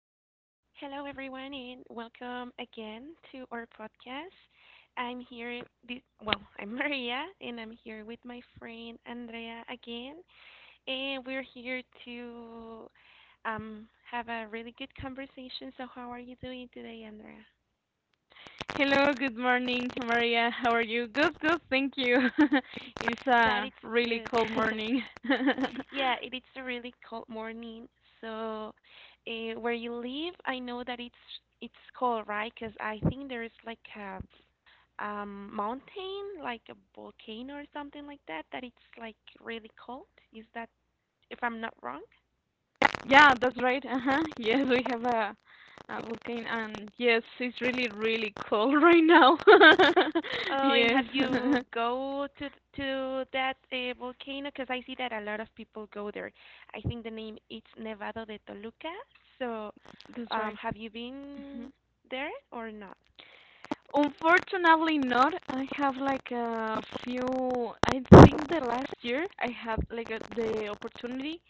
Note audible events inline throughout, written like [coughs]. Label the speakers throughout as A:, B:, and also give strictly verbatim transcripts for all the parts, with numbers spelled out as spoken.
A: Hello, everyone, and welcome again to our podcast. I'm here, thi- well, [laughs] I'm Maria, and I'm here with my friend Andrea again, and we're here to um, have a really good conversation. So, how are you doing today, Andrea?
B: Hello, good morning, Maria. How are you? Good, good, thank you. [laughs] It's
A: That
B: a
A: it's
B: really
A: good.
B: cold
A: [laughs]
B: morning. [laughs]
A: Yeah, it is a really cold morning. So, uh, where you live, I know that it's it's cold, right? Because I think there is like a um mountain, like a volcano or something like that, that it's like really cold. Is that if I'm not wrong?
B: Yeah, that's right. Uh-huh. Yes, we have a a volcano and yes, it's really, really cold [laughs] right now. [laughs]
A: Oh, and
B: Yes.
A: have you
B: [laughs]
A: go to th- to that uh, volcano? Because I see that a lot of people go there. I think the name it's Nevado de Toluca. So,
B: That's
A: um,
B: right.
A: have you
B: Uh-huh.
A: been there or not?
B: Unfortunately not. I have like a few. I think the last year I had like a, the opportunity,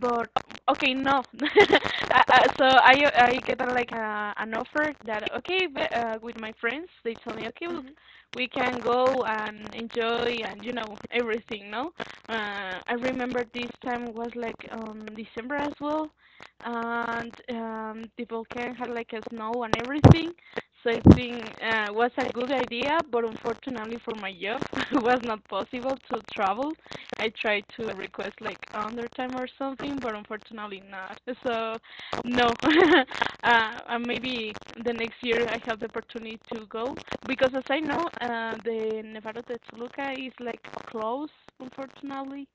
B: but okay, no. [laughs] Uh, uh, so I I get uh, like uh, an offer that okay, but, uh, with my friends they tell me okay, look,
A: Mm-hmm.
B: we can go and enjoy and you know everything. No, uh, I remember this time was like um December as well, and um, the volcano had like a snow and everything, so I think uh, was a good idea, but unfortunately for my job, [laughs] it was not possible to travel. I tried to request like undertime or something, but unfortunately not. So no, [laughs] uh, uh, maybe the next year I have the opportunity to go, because as I know, uh, the Nevado de Toluca is like closed, unfortunately.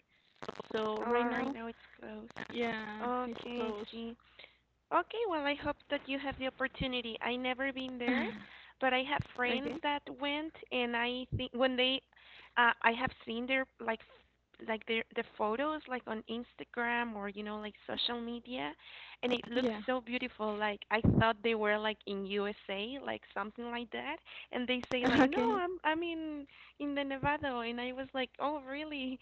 B: So
A: Oh,
B: right
A: right
B: now,
A: now it's closed.
B: yeah, it's
A: Okay,
B: closed.
A: I see. Okay, well, I hope that you have the opportunity. I never been
B: [laughs] Okay.
A: there, but I have friends that went, and I think when they, uh, I have seen their like, f- like their the photos like on Instagram or you know like social media, and it looks
B: Yeah.
A: so beautiful. Like I thought they were like in U S A, like something like that, and they say like,
B: [laughs]
A: no,
B: Okay.
A: I'm I'm in in the Nevada, and I was like, oh really?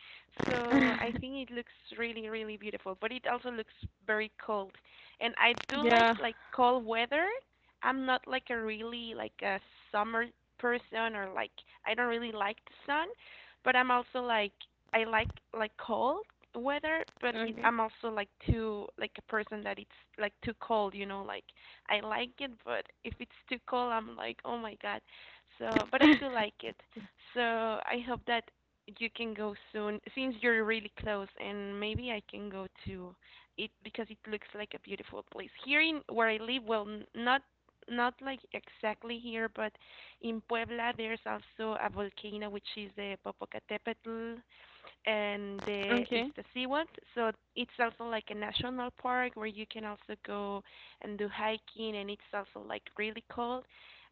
A: So I
B: [laughs]
A: think it looks really really beautiful, but it also looks very cold, and I do like
B: Yeah.
A: like cold weather. I'm not like a really like a summer person or like I don't really like the sun, but I'm also like I like like cold weather, but it,
B: Okay.
A: I'm also like too like a person that it's like too cold, you know, like I like it, but if it's too cold, I'm like, "Oh my God." So, but I do
B: [laughs]
A: like it. So, I hope that you can go soon since you're really close and maybe I can go too it because it looks like a beautiful place. Here in where I live, well, not not like exactly here, but in Puebla there's also a volcano which is the Popocatépetl and the
B: Okay.
A: Iztaccíhuatl. So it's also like a national park where you can also go and do hiking, and it's also like really cold.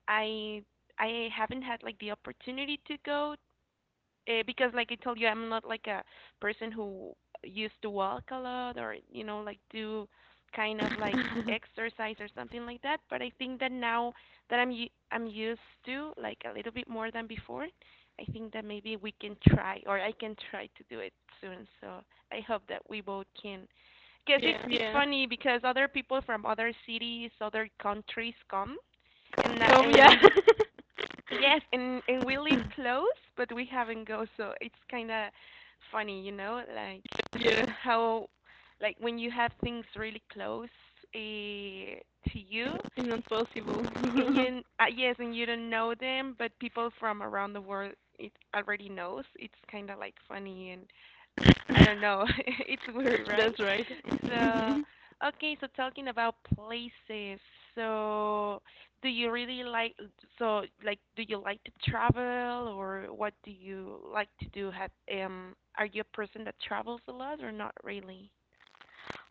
A: I I haven't had like the opportunity to go uh, because like I told you, I'm not like a person who used to walk a lot or you know like do kind of like
B: [laughs]
A: exercise or something like that. But I think that now that I'm u- I'm used to like a little bit more than before, I think that maybe we can try or I can try to do it soon. So I hope that we both can. Because it's
B: Yeah,
A: it's
B: yeah.
A: funny because other people from other cities, other countries come, and that,
B: Come,
A: and
B: yeah. [laughs]
A: we yes, and and we live close, but we haven't go, so it's kind of funny, you know, like
B: Yeah,
A: how like when you have things really close eh, to you,
B: it's not
A: and
B: possible.
A: you uh, yes, and you don't know them, but people from around the world it already knows. It's kind of like funny and I don't know. [laughs] It's weird,
B: [laughs]
A: right?
B: That's right. Mhm.
A: So, okay, so talking about places. So, do you really like so like do you like to travel or what do you like to do? Have um are you a person that travels a lot or not really?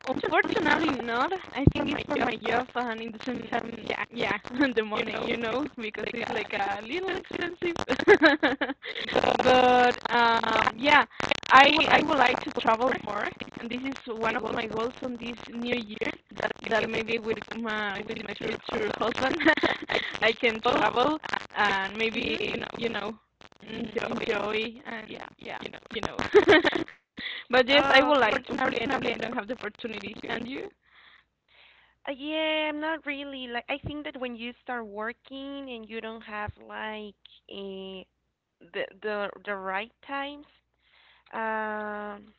B: Unfortunately not. I think it's for my job and it doesn't have, yeah, yeah, [laughs] the money, you know, because it's like a little expensive. [laughs] But um yeah, I I would like to travel more, and this is one of my goals on this new year, that that maybe with my with my future husband [laughs] I can travel, and maybe
A: Mhm.
B: you know you know and Joey. Joey and yeah, yeah, you know. you know. [laughs] but yes, I
A: Oh,
B: would like
A: okay.
B: to. Unfortunately, I don't have the opportunity. To. And you?
A: Uh, yeah, I'm not really like I think that when you start working and you don't have like eh, the the the right times, um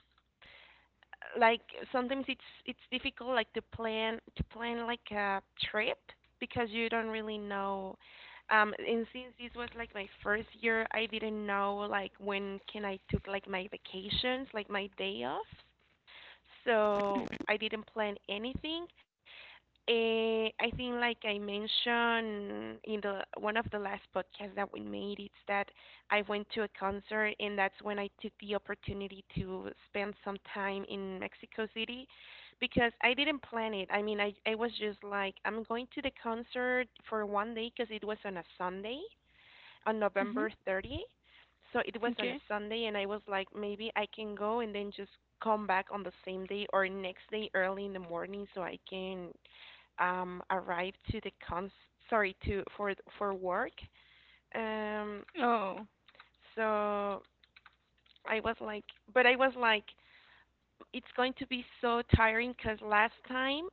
A: like sometimes it's it's difficult like to plan to plan like a trip because you don't really know um and since this was like my first year I didn't know like when can I took like my vacations like my day off, so I didn't plan anything. uh, I think, like I mentioned in the one of the last podcasts that we made, it's that I went to a concert, and that's when I took the opportunity to spend some time in Mexico City, because I didn't plan it. I mean, I I was just like, I'm going to the concert for one day because it was on a Sunday, on November
B: Mhm.
A: 30. So it was on a
B: Okay.
A: Sunday, and I was like, maybe I can go and then just come back on the same day or next day early in the morning so I can um, arrive to the cons sorry to for for work. Um,
B: Oh.
A: so I was like, but I was like, it's going to be so tiring because last time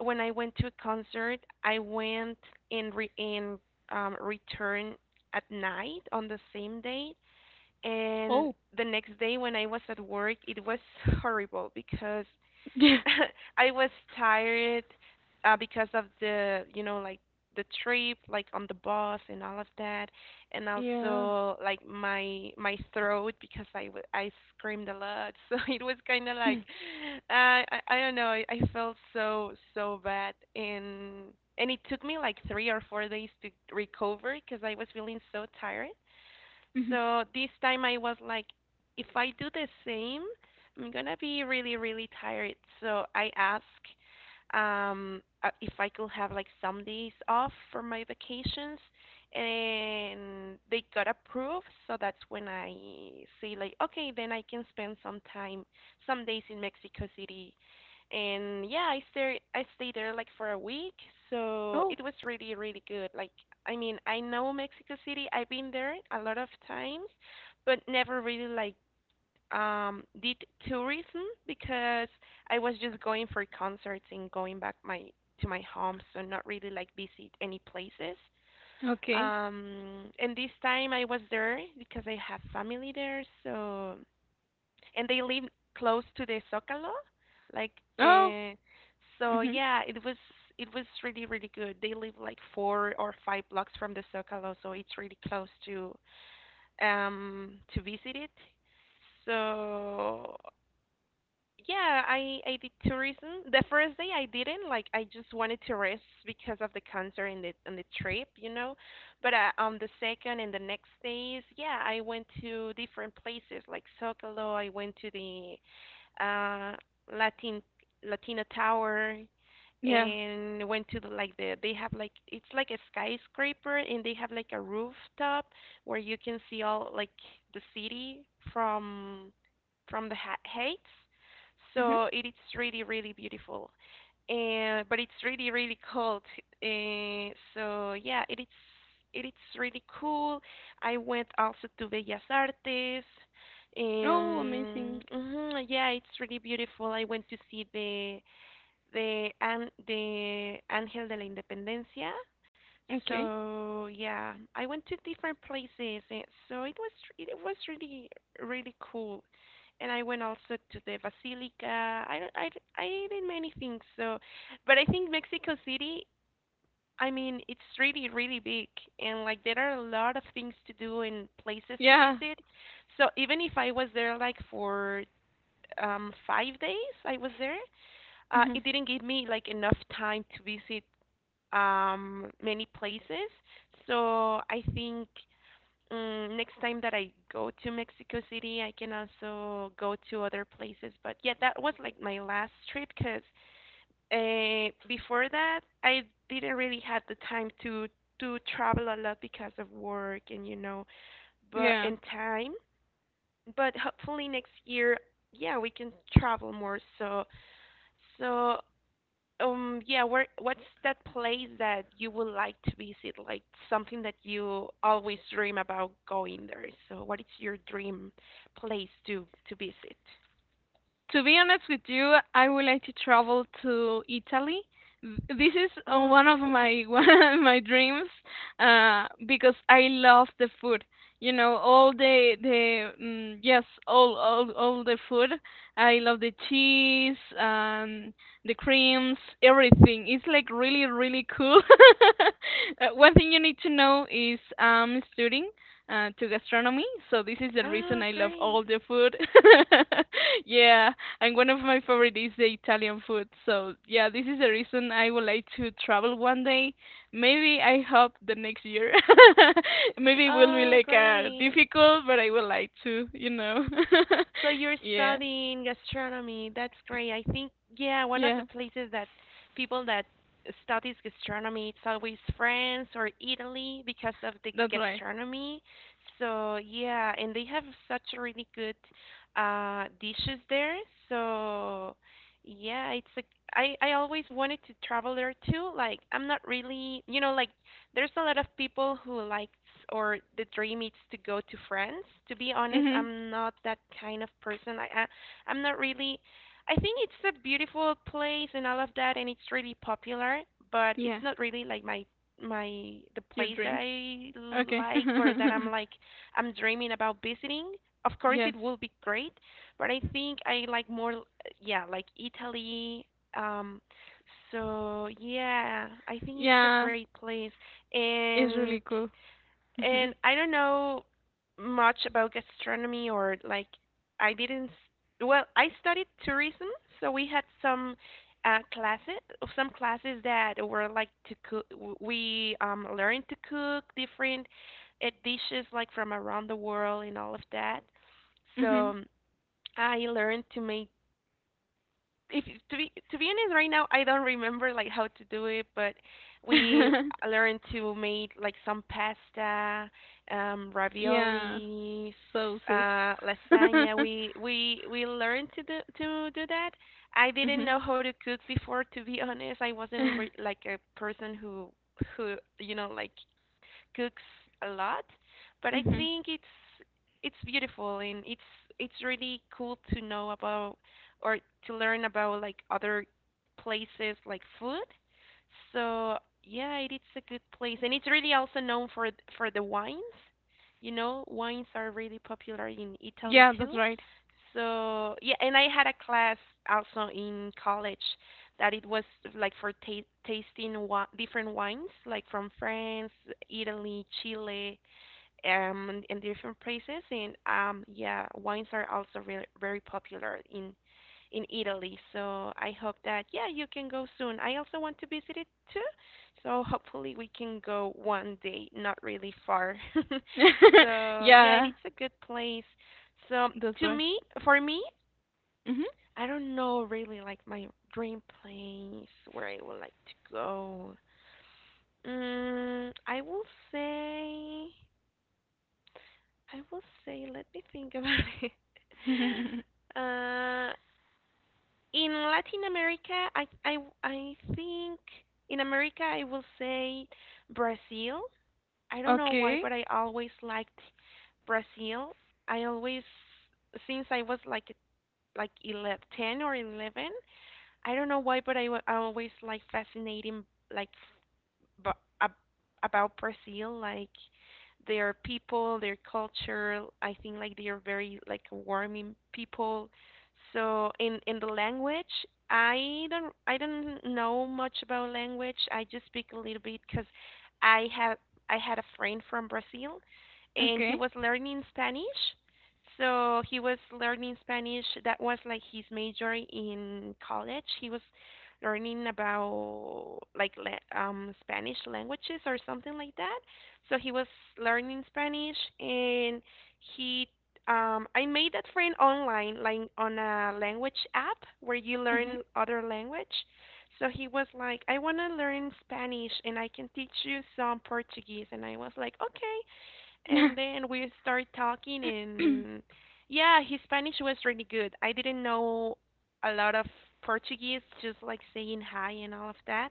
A: when I went to a concert, I went and re- and um, returned at night on the same day, and
B: Oh.
A: the next day when I was at work, it was horrible because
B: [laughs]
A: [laughs] I was tired uh, because of the, you know, like the trip, like on the bus and all of that, and
B: Yeah.
A: also like my my throat because I w- I screamed a lot, [laughs] so it was kind of like
B: Mm.
A: uh, I I don't know, I, I felt so so bad, and and it took me like three or four days to recover because I was feeling so tired.
B: Mhm.
A: So this time I was like, if I do the same, I'm gonna be really, really tired. So I asked um, uh, if I could have like some days off for my vacations, and they got approved. So that's when I say like, okay, then I can spend some time, some days in Mexico City, and yeah, I stay I stayed there like for a week, so
B: Oh.
A: it was really really good. Like I mean, I know Mexico City. I've been there a lot of times, but never really like um did tourism because I was just going for concerts and going back my to my home, so not really like visit any places.
B: Okay.
A: Um, and this time I was there because I have family there, so and they live close to the Zocalo, like
B: Oh.
A: uh, so
B: Mhm.
A: yeah, it was it was really really good. They live like four or five blocks from the Zocalo, so it's really close to um to visit it. So yeah, I I did tourism. The first day I didn't like I just wanted to rest because of the concert and the and the trip, you know. But uh, on the second and the next days, yeah, I went to different places like Zocalo. I went to the uh, Latin Latina Tower,
B: Yeah.
A: and went to the, like the they have like it's like a skyscraper and they have like a rooftop where you can see all like the city from from the ha- heights.
B: Mhm.
A: So it is really really beautiful. And but it's really really cold. Uh, so yeah, it is it is really cool. I went also to Bellas Artes.
B: Oh,
A: Um,
B: amazing.
A: mhm, yeah, it's really beautiful. I went to see the the and the Ángel de la Independencia.
B: Okay.
A: So yeah, I went to different places, and so it was it was really really cool. And I went also to the Basilica. I don't- I d- I did many things. So, but I think Mexico City. I mean, it's really really big, and like there are a lot of things to do and places to
B: Yeah.
A: visit. So even if I was there like for um five days, I was there uh,
B: Mhm.
A: it didn't give me like enough time to visit um, many places. So I think um, next time that I go to Mexico City, I can also go to other places. But yeah, that was like my last trip because uh, before that, I didn't really had the time to to travel a lot because of work and you know, but
B: Yeah.
A: and time. But hopefully next year, yeah, we can travel more. So. So um, yeah, where what's that place that you would like to visit? Like something that you always dream about going there. So what is your dream place to to visit?
B: To be honest with you, I would like to travel to Italy. This is uh,
A: Oh,
B: one of
A: cool.
B: my [laughs] one of my dreams, uh, because I love the food. You know, all the the mm, yes, all all all the food. I love the cheese, um, the creams, everything. It's like really really cool. [laughs] Uh, One thing you need to know is I'm studying uh, to gastronomy, so this is the reason
A: Oh,
B: I love
A: great.
B: all the food. [laughs] Yeah. And one of my favorite is the Italian food. So yeah, this is the reason I would like to travel one day. Maybe I hope the next year. [laughs] Maybe it will be
A: Oh,
B: like uh
A: great.
B: difficult, but I would like to, you know.
A: So you're
B: [laughs] Yeah.
A: studying gastronomy. That's great. I think, yeah, one of the
B: Yeah.
A: places that people that studies gastronomy, it's always France or Italy because of the
B: That's right.
A: gastronomy. So yeah, and they have such really good uh dishes there. So yeah, it's a I I always wanted to travel there too. Like I'm not really, you know, like there's a lot of people who likes or the dream is to go to France. To be honest,
B: Mhm.
A: I'm not that kind of person. I, I I'm not really. I think it's a beautiful place and all of that, and it's really popular. But it's
B: Yeah.
A: not really like my my the
B: Your
A: place that
B: dream.
A: I
B: Okay.
A: like or that I'm like I'm dreaming about visiting. Of course, it
B: [laughs] Yes.
A: will be great, but I think I like more, l- yeah, like Italy. Um, so yeah, I think it's a
B: Yeah.
A: great place
B: It's
A: and
B: really cool.
A: and
B: Mhm.
A: I don't know much about gastronomy, or like I didn't s- well, I studied tourism, so we had some uh classes, some classes that were like to cook. We um learned to cook different uh, dishes like from around the world and all of that. So I learned to make, if to be to be honest, right now I don't remember like how to do it, but we
B: Mhm.
A: learned to make like some pasta, um
B: [laughs] Yeah.
A: raviolis,
B: Sauces.
A: uh lasagna.
B: [laughs]
A: We we we learned to do to do that. I didn't
B: Mhm.
A: know how to cook before. To be honest, I wasn't re-
B: [laughs]
A: like a person who who you know like cooks a lot, but I
B: Mhm.
A: think it's it's beautiful, and it's it's really cool to know about, or to learn about, like other places, like food. So yeah, it is a good place, and it's really also known for th- for the wines. You know, wines are really popular in Italy
B: Yeah, that's
A: too.
B: right.
A: So yeah, and I had a class also in college that it was like for ta- tasting wa- different wines, like from France, Italy, Chile, um, and, and different places. And um, yeah, wines are also re- very popular in in Italy. So I hope that, yeah, you can go soon. I also want to visit it too. So hopefully we can go one day, not really far. [laughs]
B: [laughs]
A: So yeah,
B: Yeah,
A: it's a good place. So
B: that's
A: to
B: right.
A: me, for me,
B: Mhm.
A: I don't know really like my dream place where I would like to go. Mm, I will say, I will say, let me think about [laughs] it.
B: [laughs]
A: Uh, in Latin America, I, I, I think in America, I will say Brazil. I don't know why,
B: Okay.
A: but I always liked Brazil. I always, since I was like like eleven, ten or eleven, I don't know why, but I wa- I always like fascinating like, but ab- about Brazil, like their people, their culture. I think like they are very like warming people. So in in the language, I don't I don't know much about language. I just speak a little bit because I had I had a friend from Brazil, and he
B: Okay.
A: was learning Spanish. So he was learning Spanish. That was like his major in college. He was learning about like le- um, Spanish languages or something like that. So he was learning Spanish, and he um, I made that friend online, like on a language app where you
B: Mhm.
A: learn other language. So he was like, I want to learn Spanish and I can teach you some Portuguese. And I was like, okay, and then we start talking
B: [coughs]
A: and yeah, his Spanish was really good. I didn't know a lot of Portuguese, just like saying hi and all of that,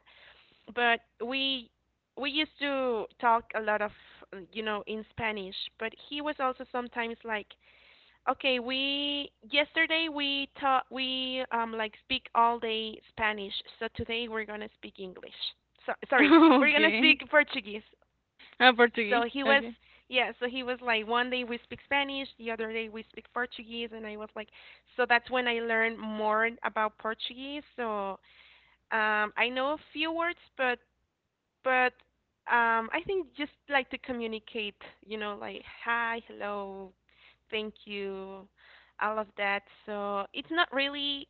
A: but we we used to talk a lot of uh, you know, in Spanish, but he was also sometimes like, okay, we yesterday we taught we um like speak all day Spanish, so today we're going to speak English. So sorry,
B: [laughs]
A: we're going to
B: Okay.
A: speak Portuguese.
B: Uh, Portuguese.
A: So he was,
B: Okay.
A: yeah, so he was like, one day we speak Spanish, the other day we speak Portuguese, and I was like, so that's when I learned more about Portuguese. So um, I know a few words, but but um, I think just like to communicate, you know, like hi, hello, thank you, all of that. So it's not really,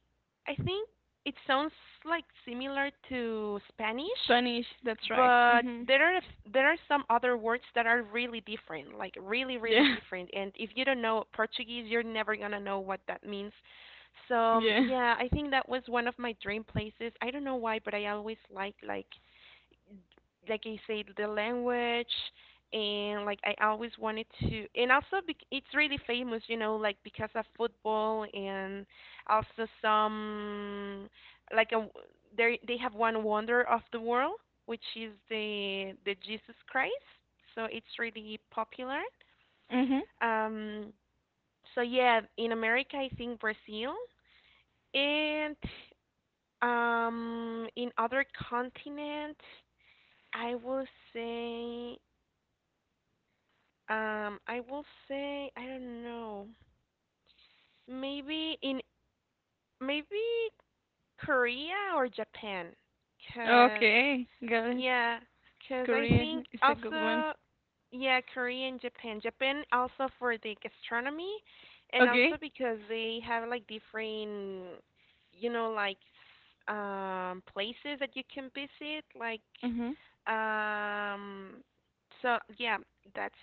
A: I think it sounds like similar to Spanish,
B: Spanish, that's right.
A: but
B: Mhm.
A: there are there are some other words that are really different, like really really
B: Yeah.
A: different. And if you don't know Portuguese, you're never gonna know what that means. So um,
B: [laughs] Yeah.
A: yeah, I think that was one of my dream places. I don't know why, but I always like like like I said, the language, and like I always wanted to, and also bec it's really famous, you know, like because of football and also some like a, they they have one wonder of the world, which is the the Jesus Christ. So it's really popular.
B: Mhm.
A: Um, so yeah, in America, I think Brazil, and um in other continents, I will say. Um, I will say, I don't know. Maybe in maybe Korea or Japan, because.
B: Okay. Got it.
A: Yeah, cause I think
B: Korean is a good one.
A: also, yeah, Korea and Japan. Japan also for the gastronomy, and
B: Okay.
A: also because they have like different, you know, like s- um places that you can visit. Like,
B: Mhm.
A: um, so yeah, that's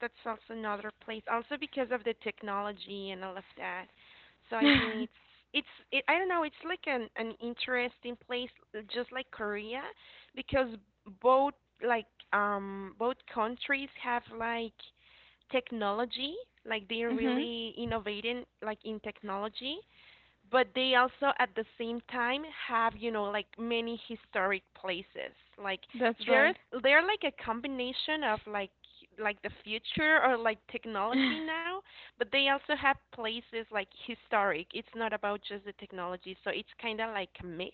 A: that's also another place. Also because of the technology and all of that. So I think it's it's it, I don't know. It's like an an interesting place, uh, just like Korea, because both like um both countries have like technology. Like, they're
B: Mhm.
A: really innovating like in technology, but they also at the same time have, you know, like many historic places, like
B: [laughs] That's
A: they're
B: right.
A: they're like a combination of like like the future, or like technology now, but they also have places like historic. It's not about just the technology, so it's kind of like a mix.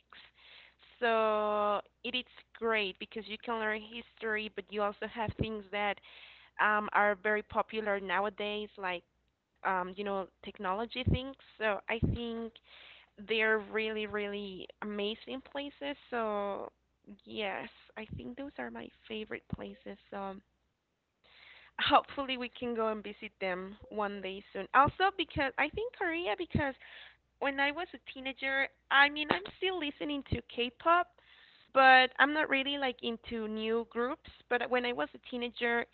A: So it is great because you can learn history, but you also have things that um, are very popular nowadays, like um, you know, technology things. So I think they're really, really amazing places. So, yes, I think those are my favorite places. So um, [laughs] hopefully we can go and visit them one day soon. Also, because I think Korea, because when I was a teenager, I mean, I'm still listening to K-pop, but I'm not really like into new groups. But when I was a teenager,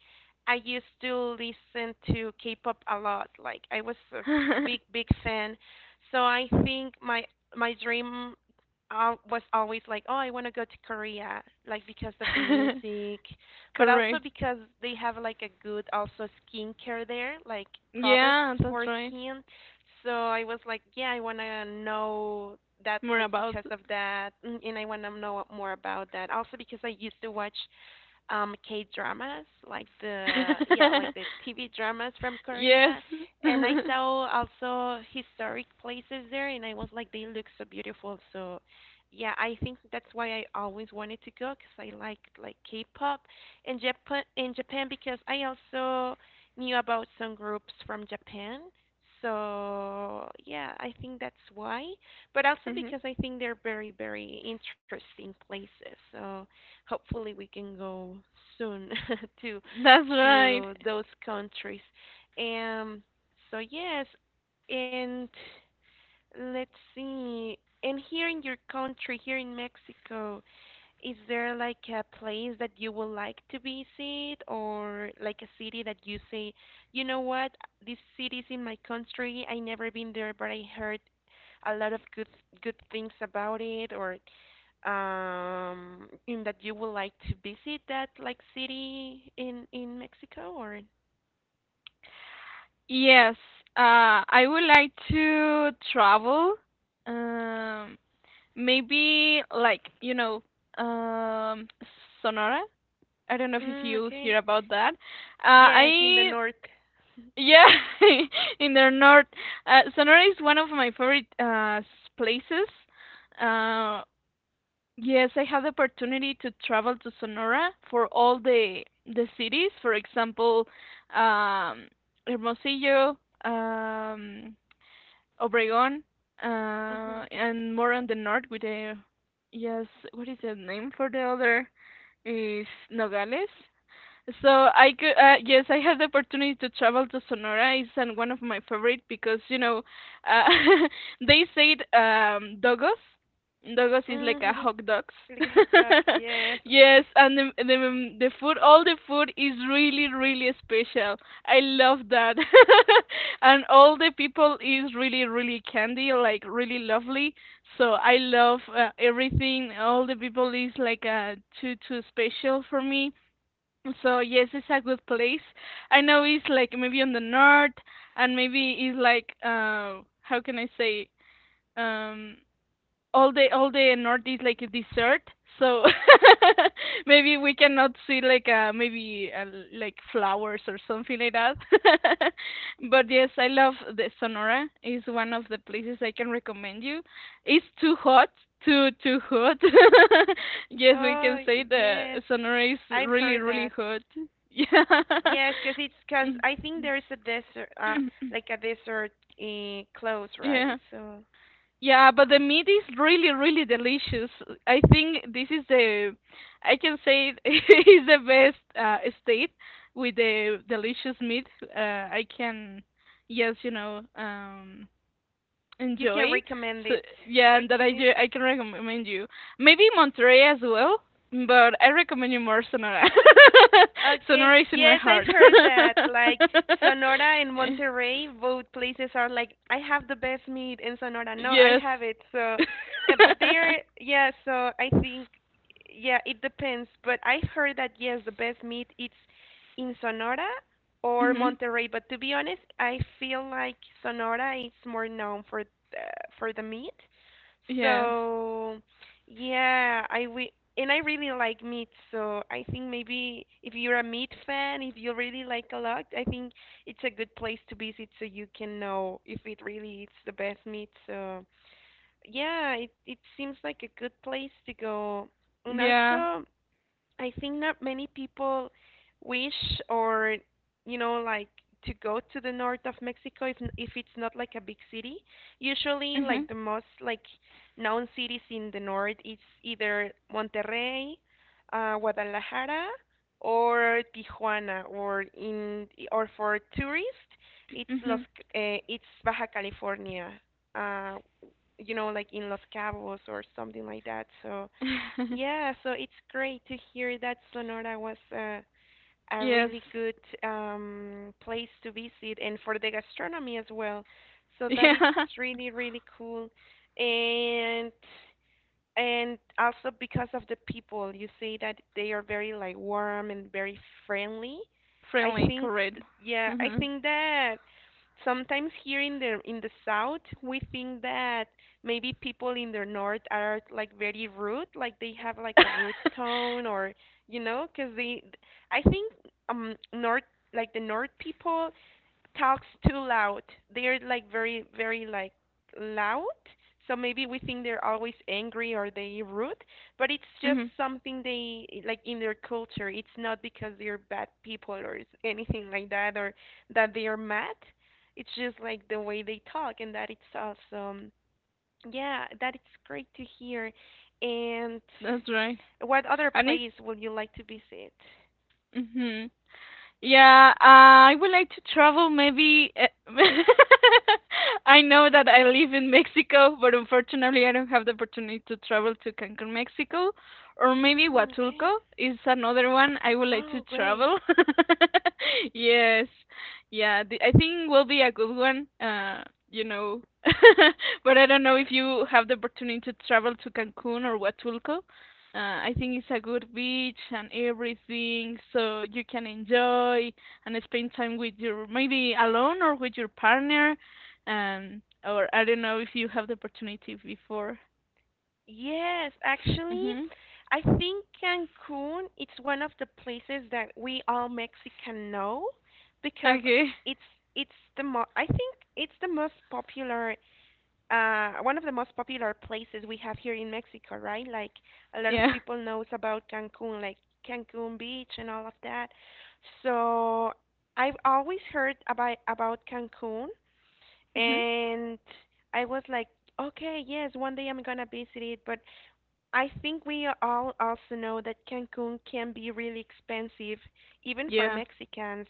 A: I used to listen to K-pop a lot. Like I was a big,
B: [laughs]
A: big fan. So I think my my dream al- was always like, oh, I want to go to Korea, like because of the
B: [laughs]
A: music, but also
B: Correct.
A: because they have like a good also skincare there, like products
B: Yeah, that's
A: for
B: right.
A: skin. So I was like, yeah, I want to know that
B: More
A: place
B: about.
A: because of that, mm, and I want to know more about that. Also because I used to watch um K dramas, like the yeah, like the
B: [laughs]
A: T V dramas from
B: Yes.
A: Korea. And I
B: [laughs]
A: saw also historic places there, and I was like, they look so beautiful. So yeah, I think that's why I always wanted to go, because I like like K-pop, and Japan, in Japan, because I also knew about some groups from Japan. So yeah, I think that's why, but also
B: Mhm.
A: because I think they're very, very interesting places. So hopefully we can go soon [laughs] to
B: That's right.
A: to those countries. Um, so yes, and let's see. And here in your country, here in Mexico, is there like a place that you would like to visit, or like a city that you say, you know what, this city is in my country, I never been there, but I heard a lot of good, good things about it? Or um in that you would like to visit that, like, city in in Mexico? Or,
B: Yes. Uh, I would like to travel. Um, Maybe like, you know, um, Sonora. I don't know if
A: mm,
B: you hear
A: okay.
B: about that. Uh,
A: Yes, in the
B: I
A: north.
B: Yeah, [laughs] in the north. Uh, Sonora is one of my favorite uh s- places. Uh, Yes, I had the opportunity to travel to Sonora for all the the cities. For example, um, Hermosillo, um, Obregón, uh,
A: Mhm.
B: and more on the north with the, yes, what is the name for the other? Is Nogales. So I could, uh, yes, I had the opportunity to travel to Sonora. It's an, one of my favorite because you know, uh, [laughs] they say it, um, dogos. Dogos
A: Mhm.
B: is like a
A: [laughs]
B: hot dogs.
A: Like hot dog. Yes.
B: [laughs] Yes, and the, the the food, all the food is really really special. I love that, [laughs] and all the people is really really candy, like really lovely. So I love uh, everything. All the people is like uh, too too special for me, so yes, it's a good place. I know it's like maybe on the north, and maybe it's like uh, how can I say? Um, all the all the north is like a desert, so [laughs] maybe we cannot see like uh maybe uh, like flowers or something like that. [laughs] But yes, I love the Sonora is one of the places I can recommend you. It's too hot, too too hot. [laughs] Yes, we can
A: Oh,
B: say the
A: yes.
B: Sonora is
A: I've
B: really
A: heard
B: really
A: that.
B: hot. [laughs] Yeah.
A: Yes, because it's, because I think there is a
B: [clears throat]
A: desert, uh, like a desert uh, close,
B: [clears throat] Yeah.
A: right? So
B: Yeah, but the meat is really, really delicious. I think this is the, I can say it [laughs] is the best uh, state with the delicious meat. Uh, I can, yes, you know, um,
A: you can
B: enjoy.
A: recommend
B: So
A: it.
B: yeah, and that I do,
A: Okay.
B: I can recommend you. Maybe Monterrey as well, but I recommend you more Sonora. [laughs]
A: Okay.
B: Sonora is in my
A: Yes, I've
B: heart.
A: heard that. Like Sonora and
B: [laughs]
A: Monterrey, both places are like, I have the best meat in Sonora. No, I
B: Yes.
A: have it. So, uh, but
B: [laughs]
A: they are, yeah, so I think, yeah, it depends. But I've heard that, yes, the best meat it's in Sonora or
B: Mhm.
A: Monterrey. But to be honest, I feel like Sonora is more known for the, for the meat.
B: Yes.
A: So, yeah, I will, and I really like meat, so I think maybe if you're a meat fan, if you really like a lot, I think it's a good place to visit so you can know if it really is the best meat. So yeah, it it seems like a good place to go. And
B: Yeah.
A: also, I think not many people wish, or you know, like, to go to the north of Mexico if n- if it's not like a big city. Usually like
B: Mhm.
A: the most like known cities in the north, it's either Monterrey, uh, Guadalajara, or Tijuana, or in or for tourists it's Los
B: Mhm.
A: uh, it's Baja California. Uh, you know, like in Los Cabos or something like that. So
B: [laughs]
A: yeah, so it's great to hear that Sonora was a, a
B: Yes.
A: really good um, place to visit, and for the gastronomy as well. So that it's
B: Yeah.
A: really, really cool. And and also because of the people, you say that they are very like warm and very friendly.
B: [laughs]
A: I
B: Friendly,
A: think
B: correct.
A: th- yeah, I
B: Mhm.
A: think that sometimes here in the in the south we think that maybe people in the north are like very rude, like they have like a rude
B: [laughs]
A: tone, or you know, because they, I think, um north, like the north people talks too loud. They're like very, very like loud. So maybe we think they're always angry or they rude, but it's just
B: Mhm.
A: something they like in their culture. It's not because they're bad people or s- anything like that or that they are mad. It's just like the way they talk and that it's awesome. Yeah, that it's great to hear. And
B: That's right.
A: what other
B: And it's.
A: place would you like to visit?
B: Mhm. Yeah, uh, I would like to travel maybe. uh, [laughs] I know that I live in Mexico, but unfortunately I don't have the opportunity to travel to Cancun, Mexico, or maybe
A: Mm, okay.
B: Huatulco is another one I would like to
A: Oh, great.
B: travel. [laughs] Yes. Yeah, the, I think will be a good one. Uh, you know. [laughs] But I don't know if you have the opportunity to travel to Cancun or Huatulco. Uh, I think it's a good beach and everything, so you can enjoy and spend time with your, maybe alone or with your partner, um, or I don't know if you have the opportunity before.
A: Yes, actually,
B: Mhm.
A: I think Cancun it's one of the places that we all Mexican know because
B: Okay. [laughs]
A: it's it's the mo I think it's the most popular uh one of the most popular places we have here in Mexico, right? Like a lot of
B: Yeah.
A: people knows about Cancun, like Cancun Beach and all of that. So I've always heard about about Cancun,
B: Mhm.
A: and I was like, okay, yes, one day I'm gonna visit it, but I think we all also know that Cancun can be really expensive, even for
B: Yeah.
A: Mexicans.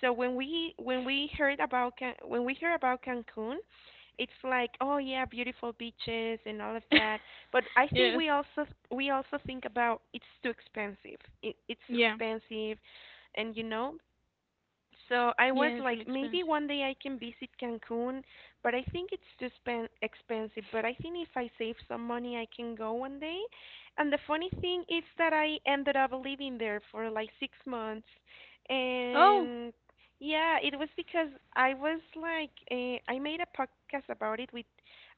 A: So when we when we heard about Can- when we hear about Cancun, it's like, oh yeah, beautiful beaches and all of that.
B: [laughs]
A: But I think
B: Yes.
A: we also we also think about it's too expensive. It, it's
B: Yeah.
A: expensive, and you know, so I was
B: Yeah, it's
A: like,
B: really
A: maybe
B: expensive.
A: one day I can visit Cancun, but I think it's too spen expensive. But I think if I save some money, I can go one day. And the funny thing is that I ended up living there for like six months.
B: Oh.
A: And yeah, it was because I was like, uh, I made a podcast about it with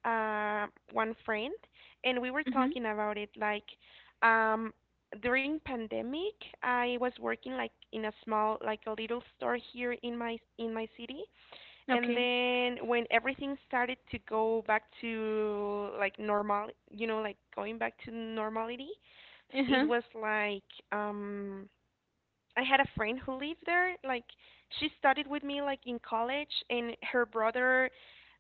A: uh, one friend, and we were
B: Mhm.
A: talking about it like, um, during pandemic I was working like in a small, like a little store here in my in my city. And
B: Okay.
A: then when everything started to go back to like normal, you know, like going back to normality,
B: Uh-huh.
A: it was like, um I had a friend who lived there. Like, she studied with me like in college, and her brother,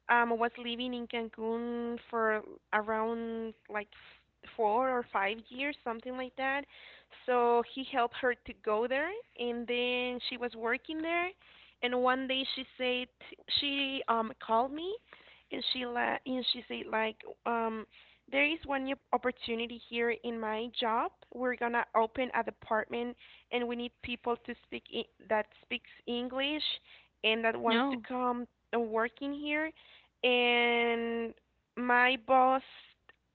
A: um, I was living in Cancun for around like f- four or five years, something like that. So he helped her to go there, and then she was working there. And one day she said, she um called me, and she la- and she said like, um there is one new opportunity here in my job. We're gonna open a department, and we need people to speak I- that speaks English and that wants to
B: No.
A: come and work in here. And my boss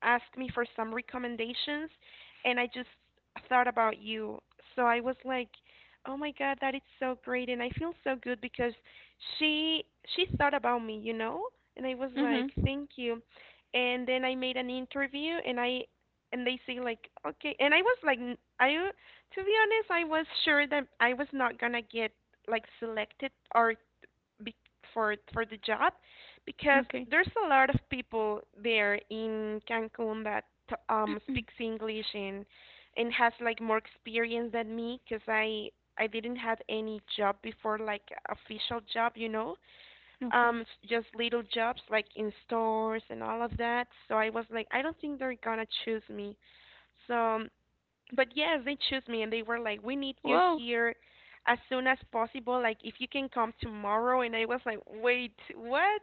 A: asked me for some recommendations, and I just thought about you. So I was like, "Oh my god, that is so great." And I feel so good because she she thought about me, you know? And I was like,
B: Mhm.
A: "Thank you." And then I made an interview, and I and they say like, "Okay." And I was like, n- I to be honest, I was sure that I was not going to get like selected or be- for for the job, because
B: Okay.
A: there's a lot of people there in Cancun that um
B: Mm.
A: speaks English and and has like more experience than me, because I I didn't have any job before, like official job, you know. Um
B: Okay.
A: s- just little jobs like in stores and all of that. So I was like, I don't think they're gonna choose me. So um, but yes, they choose me, and they were like, "We need you
B: Whoa.
A: here as soon as possible. Like if you can come tomorrow." And I was like, "Wait, what?"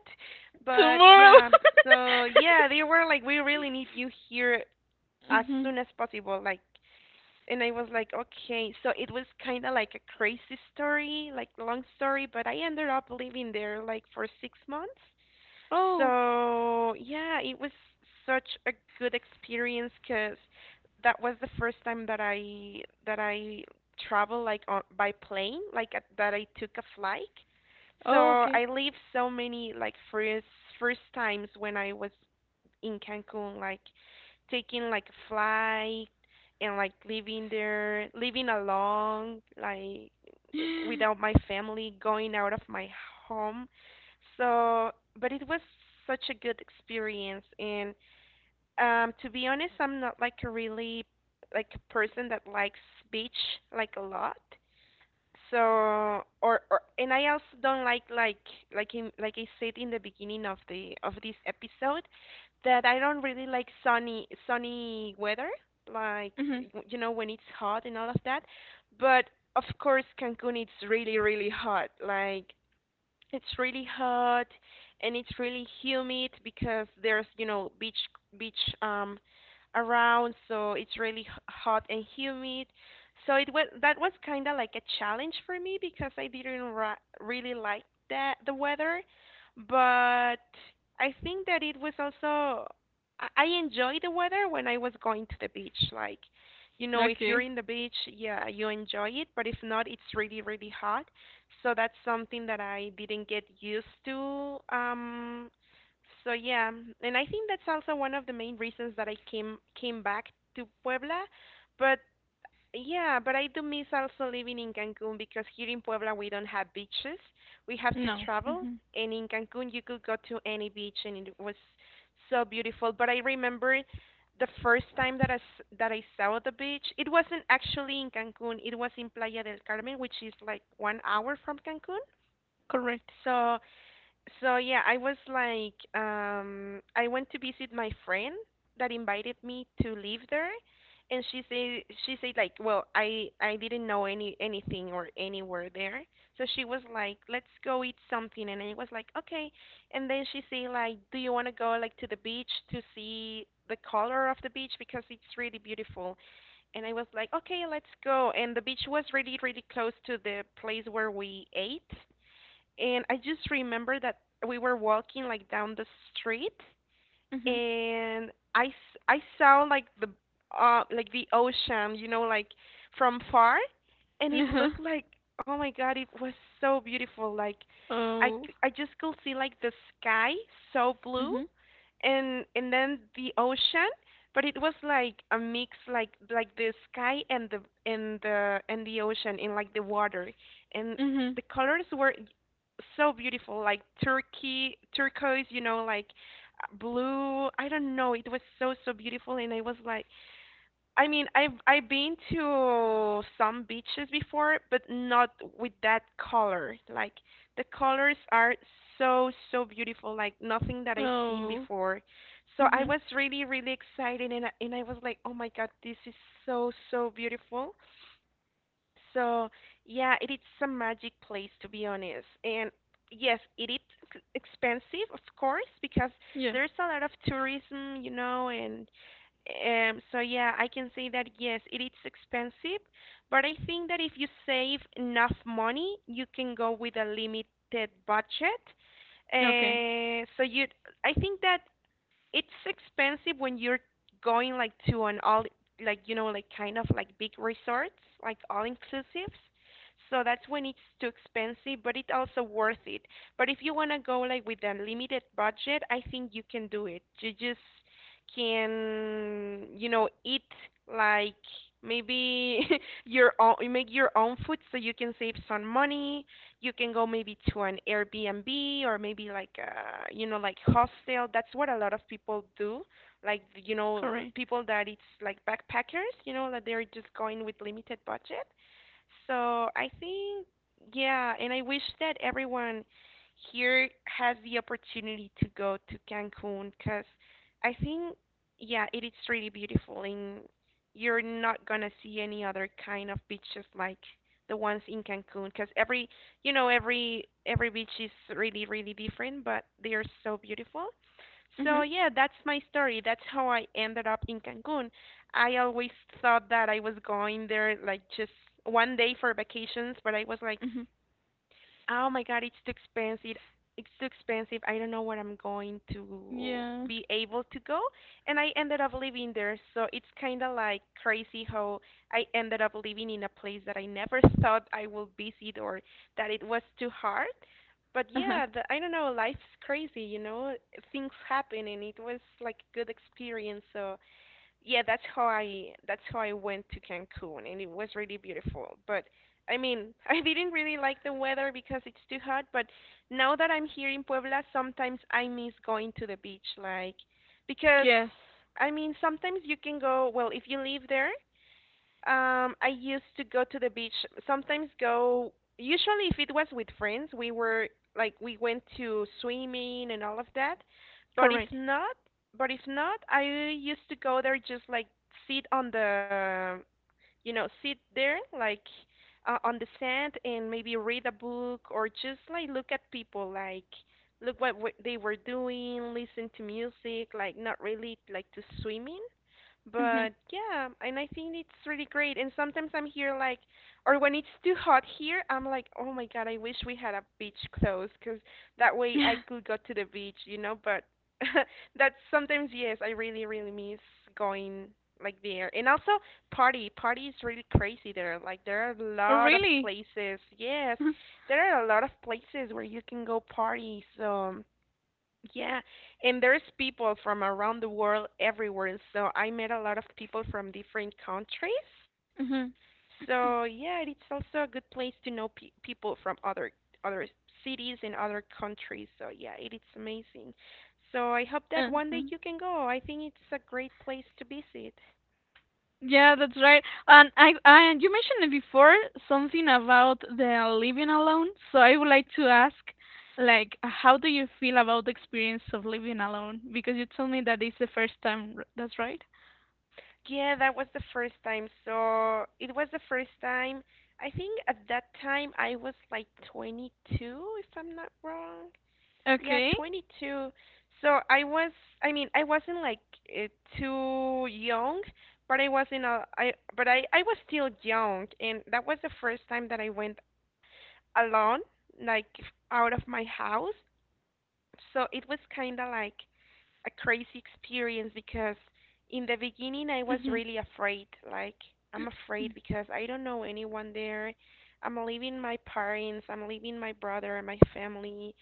A: But
B: Tomorrow.
A: yeah, so yeah, they were like, "We really need you here
B: [laughs]
A: as
B: Mhm.
A: soon as possible." Like, and I was like, "Okay." So it was kind of like a crazy story, like long story, but I ended up living there like for six months.
B: Oh.
A: So yeah, it was such a good experience, because that was the first time that I that I traveled like on, by plane, like at, that I took a flight. So
B: Oh, okay.
A: I lived so many like first first times when I was in Cancun, like taking like a flight and like living there, living alone, like
B: [gasps]
A: without my family, going out of my home. So, but it was such a good experience. And um, to be honest, I'm not like a really like a person that likes beach like a lot. So, or, or and I also don't like like like in, like I said in the beginning of the of this episode, that I don't really like sunny sunny weather, like,
B: Mhm.
A: y- you know, when it's hot and all of that. But of course Cancun it's really really hot, like it's really hot, and it's really humid because there's, you know, beach beach um around, so it's really h- hot and humid. So it was that was kind of like a challenge for me because I didn't ra really like that the weather. But I think that it was also, I I enjoy the weather when I was going to the beach. Like, you know, if you're
B: Okay.
A: in the beach, yeah, you enjoy it, but if not, it's really, really hot. So that's something that I didn't get used to. Um, so yeah, and I think that's also one of the main reasons that I came came back to Puebla. But yeah, but I do miss also living in Cancun, because here in Puebla we don't have beaches. We have to
B: No.
A: travel,
B: Mhm.
A: and in Cancun you could go to any beach, and it was so beautiful. But I remember the first time that I s- that I saw the beach. It wasn't actually in Cancun. It was in Playa del Carmen, which is like one hour from Cancun.
B: Correct.
A: So so yeah, I was like, um, I went to visit my friend that invited me to live there, and she said she said like, well, I I didn't know any anything or anywhere there, so she was like, let's go eat something, and I was like, okay. And then she said like, do you want to go like to the beach to see the color of the beach, because it's really beautiful, and I was like, okay, let's go. And the beach was really really close to the place where we ate, and I just remember that we were walking like down the street,
B: Mhm.
A: and I s- I saw like the uh like the ocean, you know, like from far, and it
B: Uh-huh.
A: looked like, oh my God, it was so beautiful. Like I
B: Oh.
A: c- I just could see like the sky so blue,
B: Mhm.
A: and and then the ocean, but it was like a mix, like like the sky and the and the and the ocean and like the water, and
B: Mhm.
A: the colors were so beautiful, like turkey turquoise, you know, like blue, I don't know. It was so so beautiful, and I was like, I mean, i've I've been to some beaches before, but not with that color. Like, the colors are so so beautiful, like nothing that I've seen
B: Oh.
A: before. So I
B: Mhm.
A: was really really excited, and I, and I was like, oh my god, this is so so beautiful. So, yeah, it is a magic place to be honest. And yes, it is ex- expensive, of course, because
B: Yeah.
A: there's a lot of tourism, you know. And um so yeah, I can say that yes, it is expensive, but I think that if you save enough money, you can go with a limited budget.
B: Okay.
A: Uh, so you, I think that it's expensive when you're going like to an all like, you know, like kind of like big resorts, like all inclusives. So that's when it's too expensive, but it's also worth it. But if you want to go like with a limited budget, I think you can do it. You just can, you know, eat like maybe [laughs] your own make your own food, so you can save some money. You can go maybe to an Airbnb, or maybe like, uh, you know, like hostel. That's what a lot of people do. Like, you know,
B: Correct.
A: people that it's like backpackers, you know, that they're just going with limited budget. So I think, yeah, and I wish that everyone here has the opportunity to go to Cancun, because I think, yeah, it is really beautiful, and you're not gonna see any other kind of beaches like the ones in Cancun, because every, you know, every every beach is really, really different, but they are so beautiful. So
B: Mhm.
A: yeah, that's my story. That's how I ended up in Cancun. I always thought that I was going there like just one day for vacations, but I was like,
B: Mhm.
A: oh my God, it's too expensive. It's too expensive. I don't know where I'm going to
B: Yeah.
A: be able to go. And I ended up living there. So it's kind of like crazy how I ended up living in a place that I never thought I would visit, or that it was too hard. But
B: Uh-huh.
A: yeah, the, I don't know, life's crazy, you know? Things happen, and it was like a good experience. So yeah, that's how I that's how I went to Cancun, and it was really beautiful. But I mean, [laughs] I didn't really like the weather because it's too hot. But now that I'm here in Puebla, sometimes I miss going to the beach, like because
B: Yes.
A: I mean, sometimes you can go. Well, if you live there, um, I used to go to the beach. Sometimes go. Usually, if it was with friends, we were like we went to swimming and all of that. But if
B: Correct.
A: not, but if not, I used to go there just like sit on the, you know, sit there like uh, on the sand and maybe read a book or just like look at people, like look what w- they were doing, listen to music, like not really like to swimming.
B: Mhm.
A: But yeah, and I think it's really great. And sometimes I'm here like, or when it's too hot here, I'm like, oh my God, I wish we had a beach close, 'cause that way I could
B: [laughs]
A: go to the beach, you know. But [laughs] that's sometimes, yes, I really, really miss going like there. And also, party. Party is really crazy there. Like, there are a
B: Oh,
A: lot of
B: really?
A: places. Yes,
B: [laughs]
A: there are a lot of places where you can go party. So. Yeah, and there's people from around the world everywhere. So I met a lot of people from different countries.
B: Mhm. Mhm.
A: So yeah, it's also a good place to know pe people from other other cities and other countries. So yeah, it is amazing. So I hope that one day
B: Uh-huh.
A: you can go. I think it's a great place to visit.
B: Yeah, that's right. And I, I, you mentioned it before something about the living alone. So I would like to ask, like, how do you feel about the experience of living alone? Because you told me that it's the first time. r- That's right.
A: Yeah, that was the first time. So it was the first time. I think at that time I was like twenty-two, if I'm not wrong. Yeah,
B: Okay.
A: twenty-two. So I was, I mean, I wasn't like uh, too young, but I was in a, I, but I, I was still young, and that was the first time that I went alone, like f- out of my house. So it was kind of like a crazy experience because in the beginning I was
B: Mhm.
A: really afraid. Like I'm
B: Mm.
A: afraid because I don't know anyone there. I'm leaving my parents, I'm leaving my brother, my family,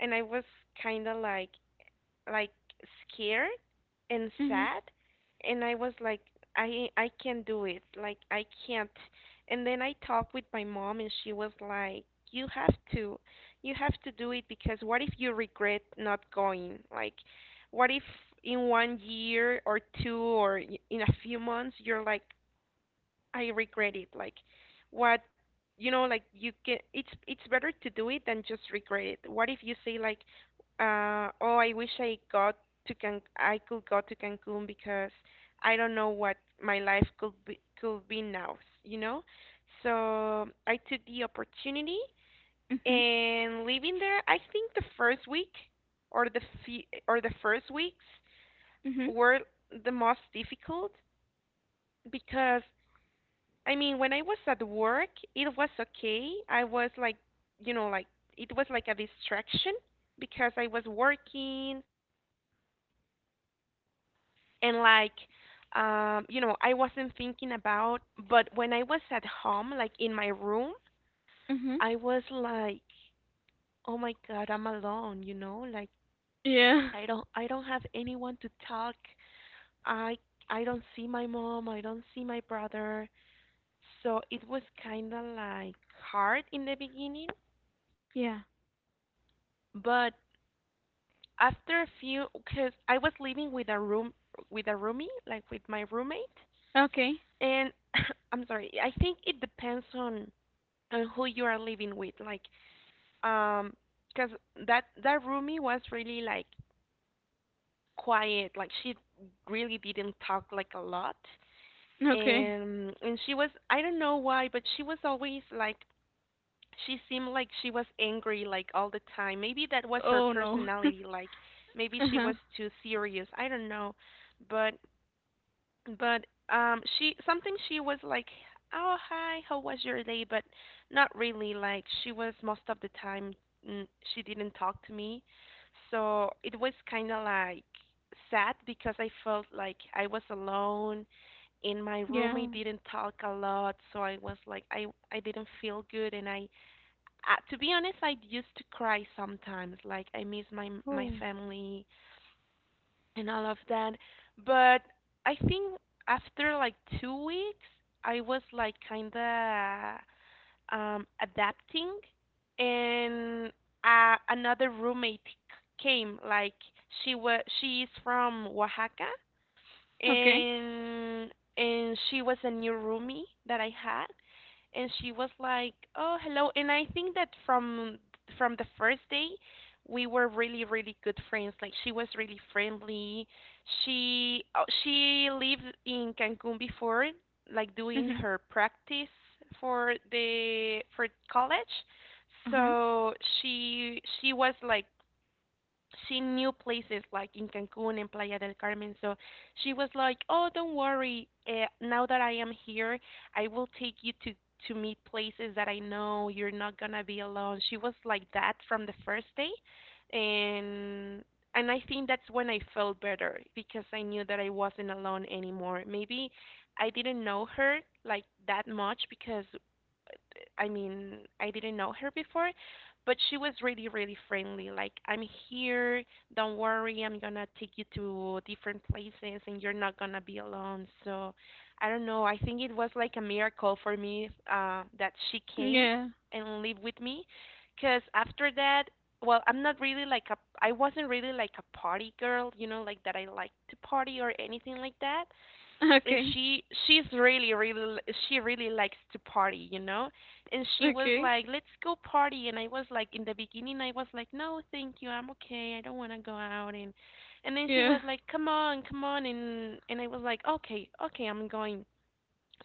A: and I was kind of like like scared and
B: Mhm.
A: sad and I was like I I can't do it. Like I can't. And then I talked with my mom and she was like you have to you have to do it because what if you regret not going? Like what if in one year or two or y- in a few months you're like I regret it. Like what you know, like you can it's it's better to do it than just regret it. What if you say like uh oh I wish I got to Can I could go to Cancun because I don't know what my life could be could be now, you know? So I took the opportunity
B: Mhm.
A: and living there, I think the first week or the fe- or the first weeks
B: Mhm.
A: were the most difficult because I mean, when I was at work, it was okay. I was like, you know, like it was like a distraction because I was working and like um, you know, I wasn't thinking about, but when I was at home, like in my room,
B: Mhm.
A: I was like, "Oh my God, I'm alone," you know? Like
B: Yeah.
A: I don't I don't have anyone to talk. I I don't see my mom, I don't see my brother. So it was kind of like hard in the beginning,
B: Yeah.
A: but after a few because I was living with a room with a roomie like with my roommate
B: Okay.
A: and [coughs] [laughs] I'm sorry I think it depends on on who you are living with like um because that that roomie was really like quiet like she really didn't talk like a lot
B: Okay.
A: and and she was I don't know why but she was always like she seemed like she was angry like all the time. Maybe that was her
B: Oh no.
A: personality like
B: [laughs]
A: maybe
B: Uh
A: she
B: huh.
A: was too serious. I don't know. But but um she sometimes she was like, "Oh, hi. How was your day?" but not really like she was most of the time mm, she didn't talk to me. So it was kind of like sad because I felt like I was alone and my
B: Yeah.
A: roommate didn't talk a lot so i was like i I didn't feel good and I uh, to be honest, I used to cry sometimes, like I miss my my
B: Oh.
A: family and all of that. But I think after like two weeks, I was like kinda um, adapting, and uh, another roommate c- came. Like she was, she is from Oaxaca,
B: Okay.
A: and and she was a new roomie that I had and she was like, "Oh, hello." And I think that from from the first day, we were really really good friends. Like she was really friendly. She oh, she lived in Cancun before, like doing
B: Mhm.
A: her practice for the for college.
B: Uh huh.
A: So she she was like she knew places like in Cancun and Playa del Carmen. So she was like, "Oh, don't worry. Uh, now that I am here, I will take you to to meet places that I know you're not gonna be alone." She was like that from the first day, and and I think that's when I felt better because I knew that I wasn't alone anymore. Maybe I didn't know her like that much because I mean, I didn't know her before, but she was really, really friendly. Like, I'm here, don't worry, I'm gonna take you to different places and you're not gonna be alone. So, I don't know, I think it was like a miracle for me uh, that she came
B: Yeah.
A: and lived with me. Because after that, well, I'm not really like a, I wasn't really like a party girl, you know, like that I like to party or anything like that and
B: Okay.
A: she she's really really she really likes to party you know and she was
B: Okay.
A: like let's go party and I was like in the beginning I was like no thank you I'm okay I don't want to go out and and then she
B: Yeah.
A: was like come on come on and and I was like okay okay I'm going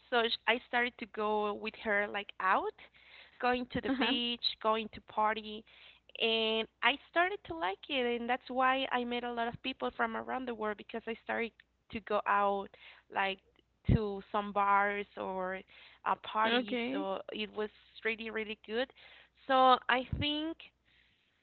A: so sh- I started to go with her like out, going to the
B: Uh-huh.
A: beach, going to party, and I started to like it, and that's why I met a lot of people from around the world because I started to go out like to some bars or uh, parties,
B: Okay.
A: so it was really really good. So I think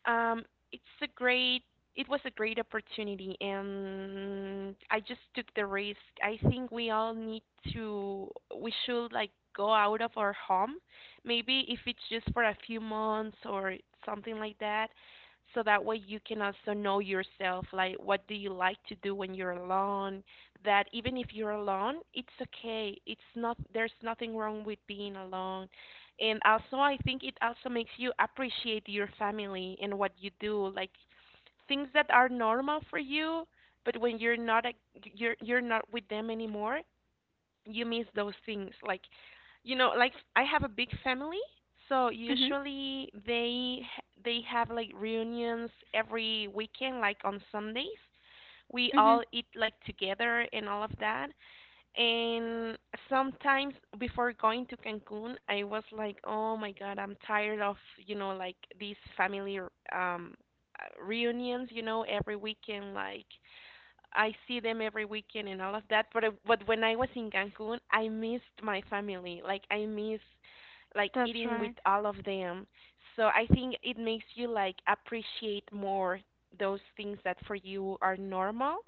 A: um, it's a great, it was a great opportunity, and I just took the risk. I think we all need to, we should like go out of our home, maybe if it's just for a few months or something like that, so that way you can also know yourself, like what do you like to do when you're alone, that even if you're alone, it's okay. It's not, there's nothing wrong with being alone and also I think it also makes you appreciate your family and what you do like things that are normal for you but when you're not a, you're you're not with them anymore you miss those things like you know like I have a big family so
B: Mhm.
A: usually they h- they have like reunions every weekend like on sundays we all
B: Mhm.
A: eat like together and all of that and sometimes before going to Cancun, I was like, "Oh my God, I'm tired of, you know, like these family r- um uh, reunions, you know, every weekend, like I see them every weekend and all of that. But I- but when I was in Cancun, I missed my family. Like I miss like
B: That's
A: eating with
B: right.
A: all of them. So I think it makes you like appreciate more those things that for you are normal.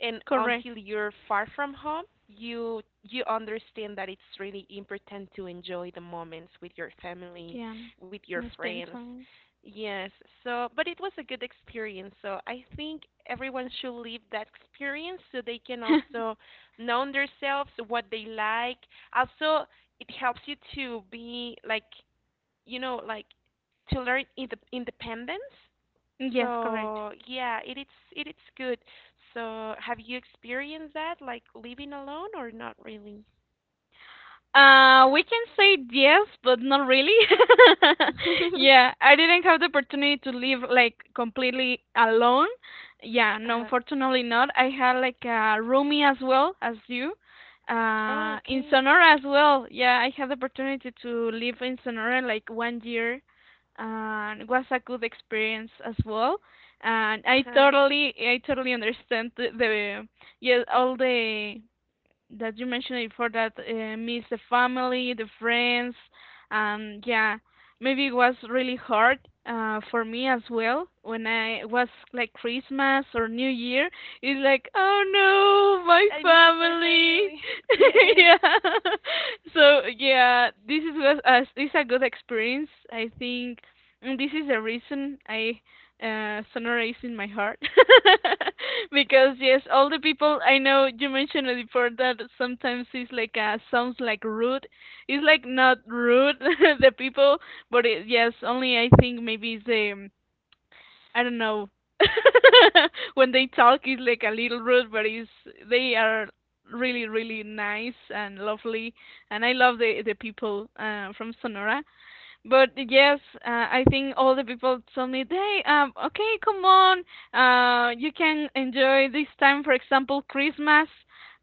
A: And
B: Correct.
A: until you're far from home, you you understand that it's really important to enjoy the moments with your family,
B: Yeah.
A: with your
B: In the spend
A: friends.
B: time.
A: Yes, so but it was a good experience. So I think everyone should live that experience so they can
B: [laughs]
A: also know themselves what they like. Also, it helps you to be like, you know, like to learn inde- independence.
B: Yes, correct.
A: So yeah, it is it is good. So have you experienced that, like living alone or not really?
B: Uh, we can say yes, but not really. [laughs]
A: [laughs]
B: Yeah, I didn't have the opportunity to live like completely alone. Yeah, no,
A: Uh-huh.
B: unfortunately not. I had like a roomie as well as you.
A: Oh,
B: Uh, in
A: okay.
B: Sonora as well. Yeah, I had the opportunity to live in Sonora like one year, and it was a good experience as well. And I
A: Uh-huh.
B: totally, I totally understand the, the yeah, all the that you mentioned before, that uh, miss the family, the friends, and yeah, maybe it was really hard uh, for me as well when I was like Christmas or New Year. It's like, oh no, my
A: I miss my
B: family.
A: family. [laughs]
B: [laughs]
A: Yes,
B: Yeah. So yeah, this is was uh, this is a good experience. I think, and this is the reason I uh, Sonora is in my heart. [laughs] Because yes, all the people, I know you mentioned it before that sometimes it's like uh, sounds like rude. It's like not rude [laughs] the people, but it, yes, only I think maybe it's, um, I don't know, [laughs] when they talk it's like a little rude, but it's, they are really really nice and lovely, and I love the the people uh, from Sonora. But yes, uh, I think all the people tell me, hey, um, okay, come on, uh, you can enjoy this time, for example, Christmas.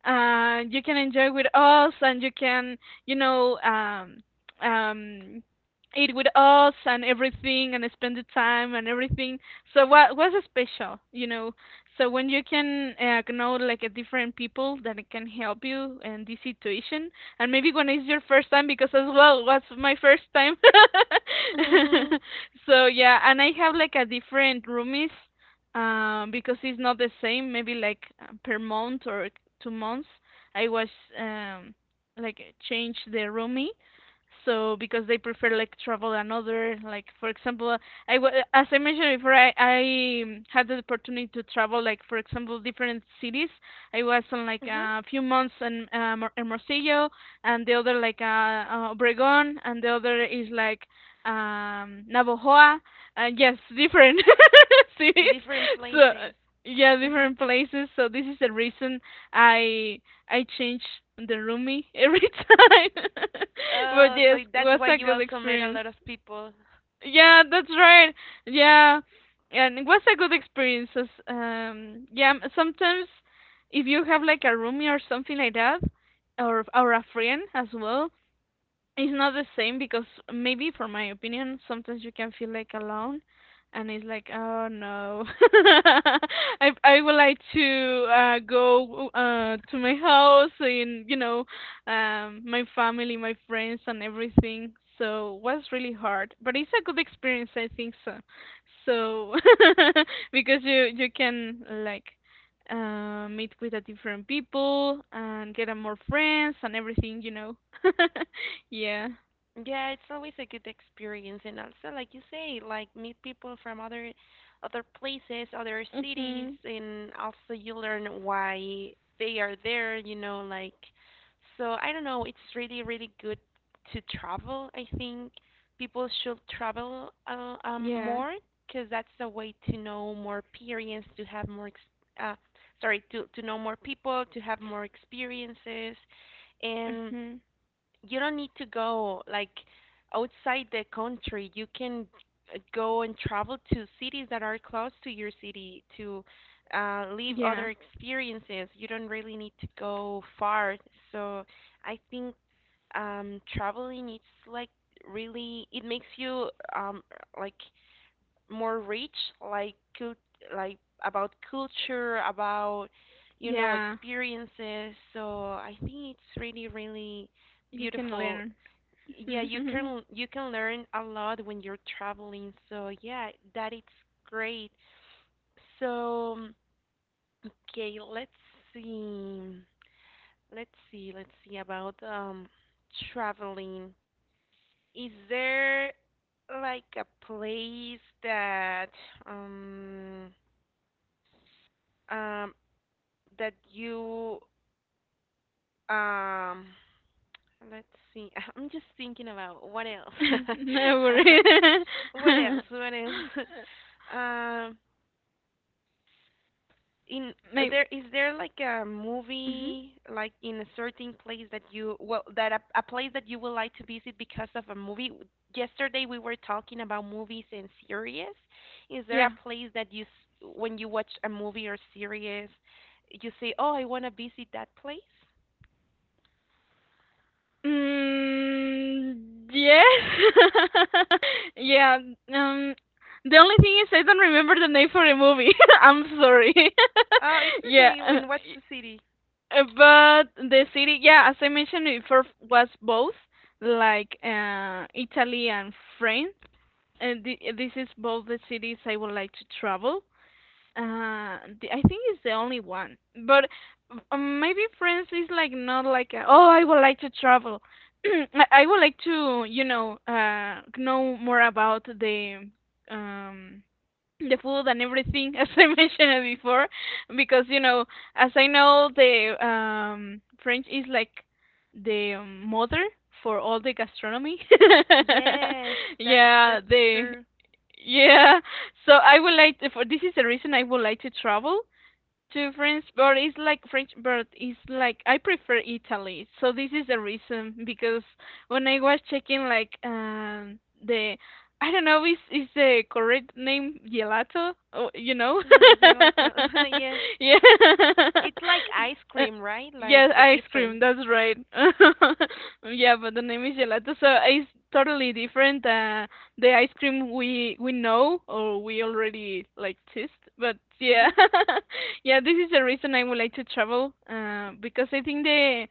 B: Uh, you can enjoy with us, and you can, you know, um, um, eat with us and everything, and spend the time and everything. So what was special, you know? So when you can uh, know like a different people that can help you in this situation, and maybe when it's your first time, because as well was my first time.
A: mhm.
B: [laughs] So yeah, and I have like a different roomies, um because it's not the same, maybe like uh, per month or two months. I was, um like, change the roomie, so because they prefer like travel another. Like, for example, i w- as I mentioned before, i i um, had the opportunity to travel, like for example different cities. I was on like
A: Mhm.
B: a few months in um, Hermosillo, and the other like uh, uh Obregon, and the other is like um Navojoa. Uh, yes, different [laughs] cities.
A: Different
B: So
A: places.
B: yeah,
A: Mhm.
B: different places. So this is the reason I I change the roomie every time. [laughs] But
A: Oh, so
B: yes, it
A: that's
B: was
A: why
B: a
A: you
B: good
A: also met a
B: experience.
A: lot of people.
B: Yeah, that's right. Yeah, and it was a good experience. as, Um, yeah, m- sometimes if you have like a roomie or something like that, or or a friend as well, it's not the same because maybe for my opinion sometimes you can feel like alone, and it's like, oh no. [laughs] i i would like to uh go uh to my house, and you know um my family, my friends, and everything. So was really hard, but it's a good experience, I think. So so [laughs] Because you you can like uh, meet with a different people and get a more friends and everything, you know. [laughs] Yeah.
A: Yeah, it's always a good experience, and also, like you say, like meet people from other, other places, other cities,
B: Mhm.
A: and also you learn why they are there. You know, like, so I don't know. It's really, really good to travel. I think people should travel uh, um
B: Yeah.
A: more because that's a way to know more experience, to have more ex uh, sorry, to to know more people, to have more experiences, and
B: Mhm.
A: you don't need to go like outside the country. You can uh, go and travel to cities that are close to your city to uh, live
B: Yeah.
A: other experiences. You don't really need to go far. So I think um, traveling it's like really it makes you um, like more rich, like cult- like about culture, about you know
B: Yeah.
A: experiences. So I think it's really really
B: You can
A: beautiful
B: learn.
A: yeah, you
B: Mhm.
A: can you can learn a lot when you're traveling. So yeah, that it's great. So okay, let's see. Let's see. Let's see about um traveling. Is there like a place that um um that you um let's see [laughs] I'm just thinking about what else
B: [laughs]
A: [laughs]
B: No worry.
A: What else?
B: [laughs]
A: What else? [laughs] Um, in
B: Maybe.
A: there is there like a
B: Mhm.
A: movie like in a certain place that you well that a, a place that you would like to visit because of a movie? Yesterday we were talking about movies and series. Is there a
B: Yeah.
A: place that you s- when you watch a movie or series, you say, "Oh, I want to visit that place"?
B: Mm, yes. [laughs] Yeah. Um. The only thing is I don't remember the name for the movie. [laughs] I'm sorry.
A: Oh, it's
B: [laughs] Yeah.
A: okay.
B: uh,
A: And what's the city?
B: Uh, But the city, yeah, as I mentioned before, was both like uh, Italy and France, and thi- this is both the cities I would like to travel. Uh, the- I think it's the only one, but uh, maybe France is like not like a, oh, I would like to travel. [clears throat] I I would like to, you know, uh, know more about the um the food and everything, [laughs] as I mentioned it before, because you know as I know the um French is like the um, mother for all the gastronomy.
A: Yes,
B: [laughs]
A: that's
B: Yeah,
A: that's
B: the
A: true.
B: yeah, so I would like to, for this is the reason I would like to travel to French, but it's like French, but it's like I prefer Italy. So this is the reason, because when I was checking like um the I don't know, is is the correct name gelato? Oh, you know?
A: Mm, yeah, let the- [laughs] yes.
B: [laughs] Yeah.
A: It's
B: [laughs]
A: like ice
B: Uh,
A: cream, right? Like,
B: Yeah,
A: but
B: ice cream.
A: different.
B: That's right. [laughs] Yeah, but the name is gelato, so it's totally different. Uh, the ice cream we we know, or we already like taste, but yeah.
A: Mm-hmm.
B: [laughs] Yeah, this is the reason I would like to travel uh because I think the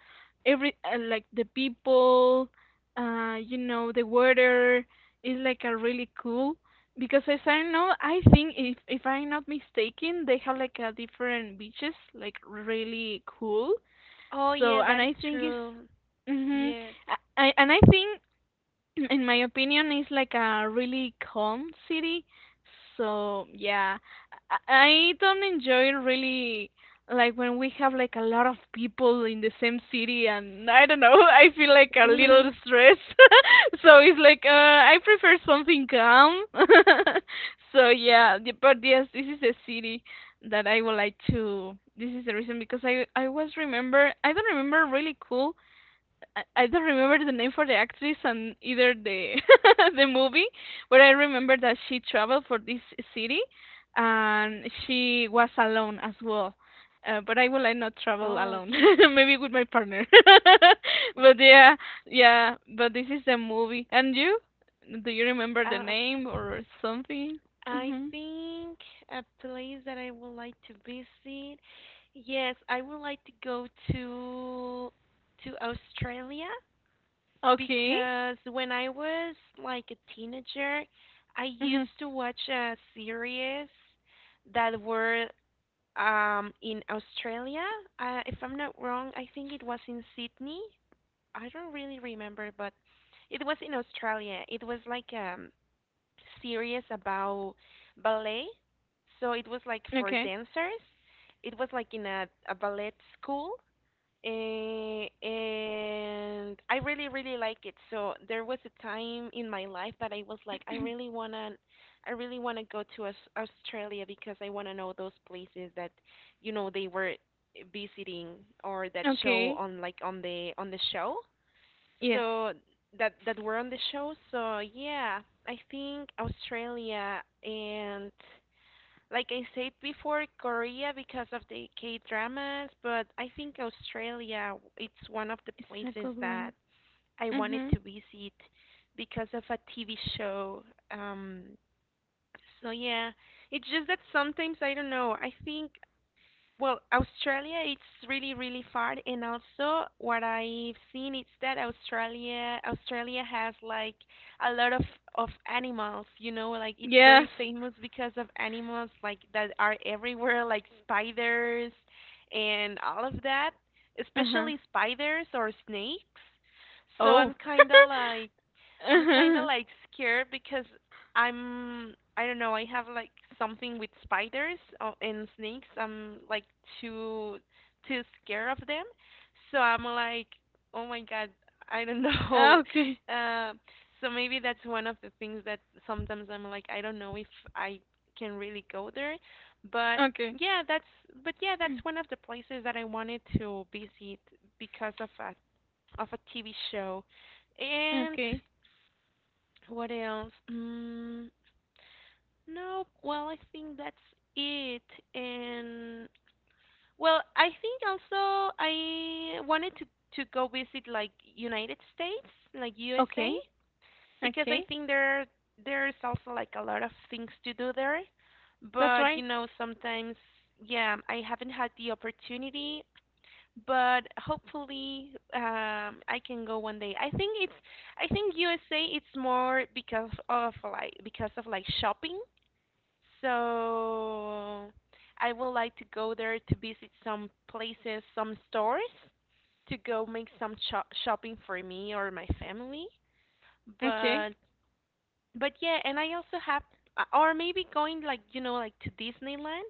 B: every uh, like the people, uh you know the weather is like a really cool, because as I know, I think if if I'm not mistaken, they have like a different beaches, like really cool.
A: Oh yeah,
B: So and
A: that is
B: I think it's,
A: true.
B: mhm,
A: Yes. [laughs]
B: I, I and i think in my opinion it's like a really calm city. So yeah, i I don't enjoy really, like, when we have like a lot of people in the same city, and I don't know. [laughs] I feel like a little stressed. [laughs] So it's like, uh I prefer something calm. [laughs] So yeah, the- but yes, this is a city that I would like to. This is the reason, because i i was remember I don't remember really cool. I, I don't remember the name for the actress, and either the [laughs] the movie, but I remember that she traveled for this city, and she was alone as well. Uh, but I will like not travel
A: Oh,
B: alone, [laughs]
A: okay.
B: maybe with my partner. [laughs] But yeah, yeah. But this is the movie. And you, do you remember the
A: Uh,
B: name or something?
A: I
B: Mm-hmm.
A: think a place that I would like to visit. Yes, I would like to go to to Australia
B: Okay.
A: because when I was like a teenager, I
B: Mm-hmm.
A: used to watch a series that were um in Australia, uh, if I'm not wrong, I think it was in Sydney. I don't really remember, but it was in Australia. It was like um series about ballet. So it was like for
B: Okay.
A: dancers. It was like in a, a ballet school. Eh, and I really, really like it. So there was a time in my life that I was like, I really wanna, I really wanna go to Aus- Australia because I wanna know those places that, you know, they were visiting or that show
B: Okay.
A: on like on the on the show.
B: Yes,
A: So that that were on the show. So yeah, I think Australia and like I said before, Korea because of the K dramas, but I think Australia it's one of the
B: it's a
A: places
B: good
A: that
B: one.
A: I wanted
B: Mm-hmm.
A: to visit because of a T V show. Um, so yeah, it's just that sometimes I don't know. I think well, Australia, it's really, really far, and also what I've seen is that Australia, Australia has like a lot of of animals. You know, like it's
B: Yes.
A: very famous because of animals like that are everywhere, like spiders and all of that,
B: Uh-huh.
A: especially spiders or snakes. So
B: Oh.
A: I'm
B: [laughs]
A: kind of like I'm kind of
B: Uh-huh.
A: like scared because I'm I don't know, I have like something with spiders uh, and snakes. I'm like too too scared of them. So I'm like, oh my God, I don't know. [laughs]
B: Okay.
A: Uh, so maybe that's one of the things that sometimes I'm like, I don't know if I can really go there. But
B: Okay.
A: yeah, that's but yeah, that's
B: [clears throat]
A: one of the places that I wanted to visit because of a of a T V show. And
B: Okay.
A: what else? Mm, no, well, I think that's it. And well, I think also I wanted to to go visit like United States, like U S A,
B: Okay.
A: because I
B: Okay.
A: think there there's also like a lot of things to do there.
B: That's
A: But you
B: right.
A: know, sometimes yeah, I haven't had the opportunity but hopefully um I can go one day. I think it's I think U S A it's more because of like because of like shopping. So I would like to go there to visit some places, some stores to go make some shop shopping for me or my family. But
B: Okay.
A: but yeah, and I also have uh, or maybe going like you know like to Disneyland.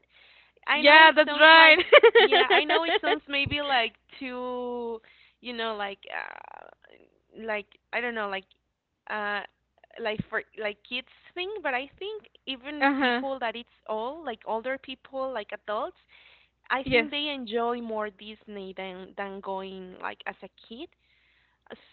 A: I know
B: Yeah,
A: it
B: that's
A: sounds
B: right.
A: like yeah, I know it sounds
B: [laughs]
A: maybe like too, you know, like uh, like I don't know, like uh like for like kids thing, but I think even
B: Uh-huh.
A: people that it's all like older people, like adults, I
B: Yes.
A: think they enjoy more Disney than than going like as a kid.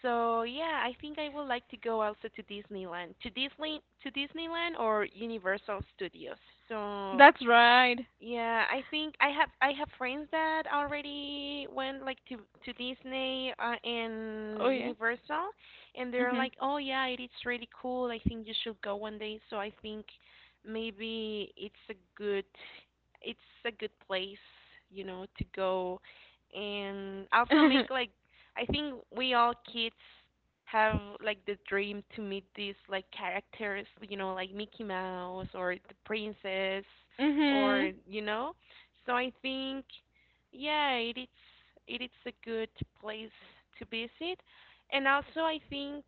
A: So yeah, I think I would like to go also to Disneyland, to Disney, to Disneyland or Universal Studios. So
B: That's right.
A: yeah, I think I have I have friends that already went like to to Disney uh, and
B: Oh yeah.
A: Universal, and they're
B: Mhm.
A: like, "Oh yeah, it is really cool. I think you should go one day." So I think maybe it's a good it's a good place, you know, to go and also make
B: [laughs]
A: like I think we all kids have like the dream to meet these like characters, you know, like Mickey Mouse or the princess or
B: Mhm.
A: you know so I think yeah it is it is a good place to visit and also I think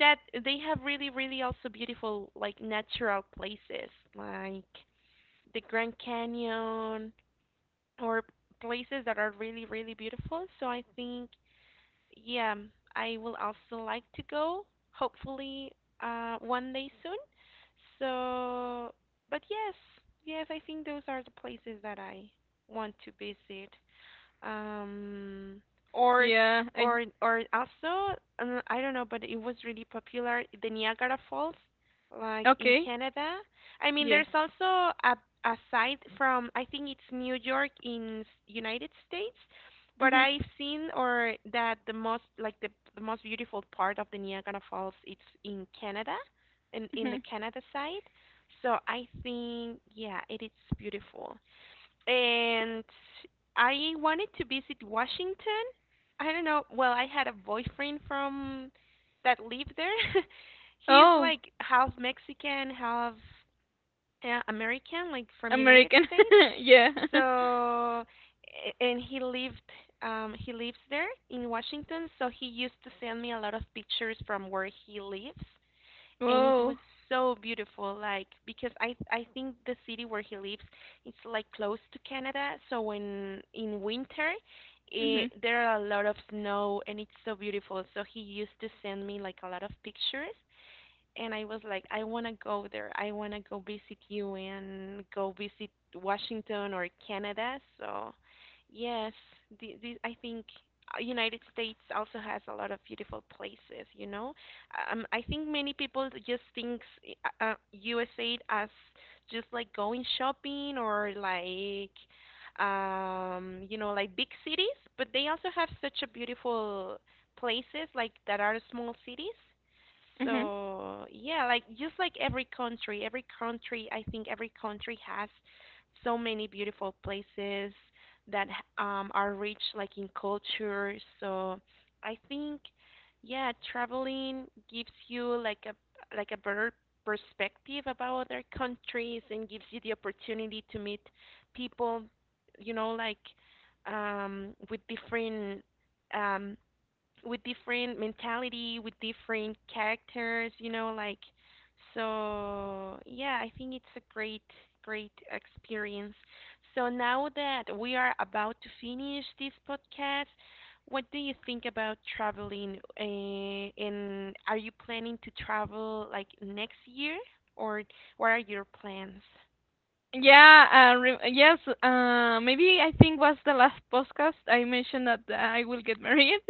A: that they have really really also beautiful like natural places like the Grand Canyon or places that are really really beautiful so I think yeah, I will also like to go, hopefully, uh, one day soon. So, but yes, yes, I think those are the places that I want to visit um or
B: Yeah, I
A: or or also uh, I don't know, but it was really popular the Niagara Falls, like in
B: okay.
A: Canada. I mean,
B: Yes.
A: there's also a a site from I think it's New York in s- United States, but
B: Mhm.
A: I've seen or that the most like the the most beautiful part of the Niagara Falls it's in Canada, in in the
B: Mhm.
A: Canada side. So I think yeah, it is beautiful and I wanted to visit Washington. I don't know. Well, I had a boyfriend from that lived there. [laughs] He's
B: Oh,
A: like half Mexican, half uh, American, like from United
B: American.
A: States.
B: [laughs] Yeah.
A: So,
B: [laughs]
A: a- and he lived um he lives there in Washington, so he used to send me a lot of pictures from where he lives and it was
B: Whoa.
A: so beautiful like because i i think the city where he lives it's like close to Canada so when in winter it,
B: Mhm.
A: there are a lot of snow and it's so beautiful so he used to send me like a lot of pictures and I was like, I want to go there. I want to go visit you and go visit Washington or Canada. So, yes, the, the, I think uh, United States also has a lot of beautiful places. You know, um, I think many people just think uh, uh, U S A as just like going shopping or like um you know like big cities but they also have such a beautiful places like that are small cities
B: Mhm.
A: so yeah, like just like every country, every country, I think every country has so many beautiful places that h- um, are rich like in culture. So I think yeah, traveling gives you like a like a better perspective about other countries and gives you the opportunity to meet people, you know, like um, with different um, with different mentality, with different characters, you know, like so yeah, I think it's a great great experience. So now that we are about to finish this podcast, what do you think about traveling? Uh, and are you planning to travel like next year or what are your plans?
B: Yeah, uh, re- yes, uh, maybe I think was the last podcast I mentioned that I will get married. [laughs]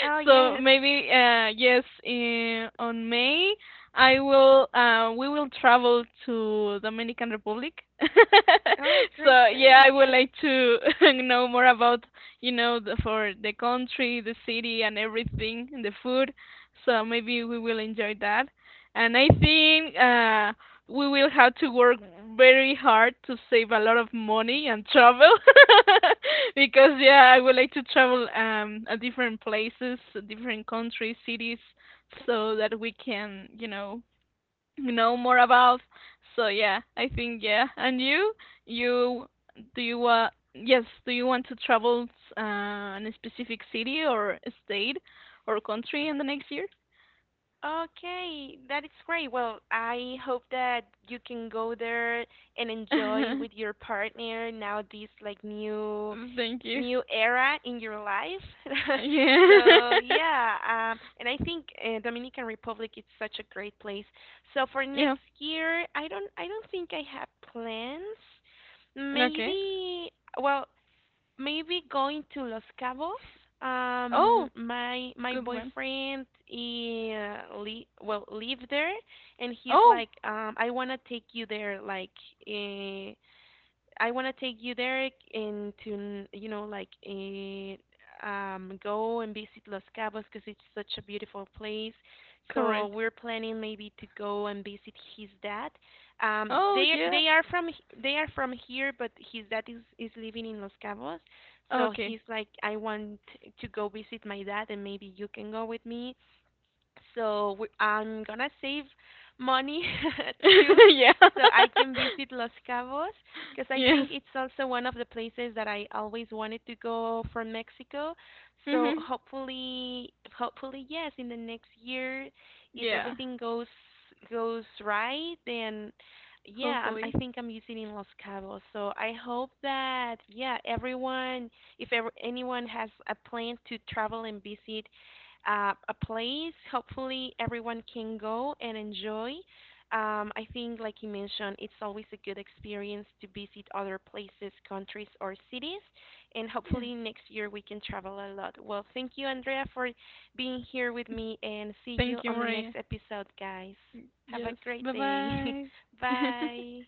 A: Oh
B: So
A: yes.
B: maybe, uh, yes, in, on May I will uh, we will travel to Dominican Republic. [laughs]
A: Oh, great,
B: So yeah,
A: great.
B: I would
A: Yes.
B: like to [laughs] know more about, you know, the, for the country, the city, and everything, and the food. So maybe we will enjoy that. And I think uh we will have to work very hard to save a lot of money and travel, [laughs] because yeah, I would like to travel um at different places, different countries, cities, so that we can, you know know more about. So yeah, I think. Yeah, and you you do you, uh yes, do you want to travel uh in a specific city or state or country in the next year?
A: Okay, that is great. Well, I hope that you can go there and enjoy with
B: [laughs]
A: your partner now this like new
B: Thank you.
A: new era in your life.
B: Yeah.
A: [laughs] So yeah, um, and I think uh, Dominican Republic is such a great place. So for
B: [laughs] Yeah.
A: next year, I don't I don't think I have plans.
B: Okay.
A: Maybe well maybe going to Los Cabos. Um,
B: Oh,
A: my my
B: good one.
A: boyfriend he, uh, li- well live there, and he's
B: Oh,
A: like, um, I wanna take you there, like, uh, I want to take you there and to you know like eh, um go and visit Los Cabos because it's such a beautiful place. So
B: correct.
A: we're planning maybe to go and visit his dad. Um,
B: Oh,
A: they
B: yeah.
A: they are from h- they are from here, but his dad is is living in Los Cabos. So
B: Okay.
A: he's like, I want to go visit my dad, and maybe you can go with me so we, I'm gonna save money [laughs] too,
B: [laughs] Yeah.
A: so
B: [laughs]
A: I can visit Los Cabos because I
B: Yes.
A: think it's also one of the places that I always wanted to go from Mexico. So
B: Mhm.
A: hopefully, hopefully yes, in the next year, if
B: Yeah.
A: everything goes goes right, then yeah, I'm, I
B: Hopefully.
A: think I'm visiting Los Cabos. So I hope that yeah, everyone, if ever, anyone has a plan to travel and visit uh, a place. Hopefully, everyone can go and enjoy. Um, I think, like you mentioned, it's always a good experience to visit other places, countries, or cities. And
B: Yes.
A: hopefully, next year we can travel a lot. Well, thank you, Andrea, for being here with me, and see
B: Thank
A: you
B: you,
A: on the
B: Maria.
A: next episode, guys. Have a
B: Yes.
A: great day.
B: Bye-bye.
A: [laughs]
B: [laughs]
A: Bye.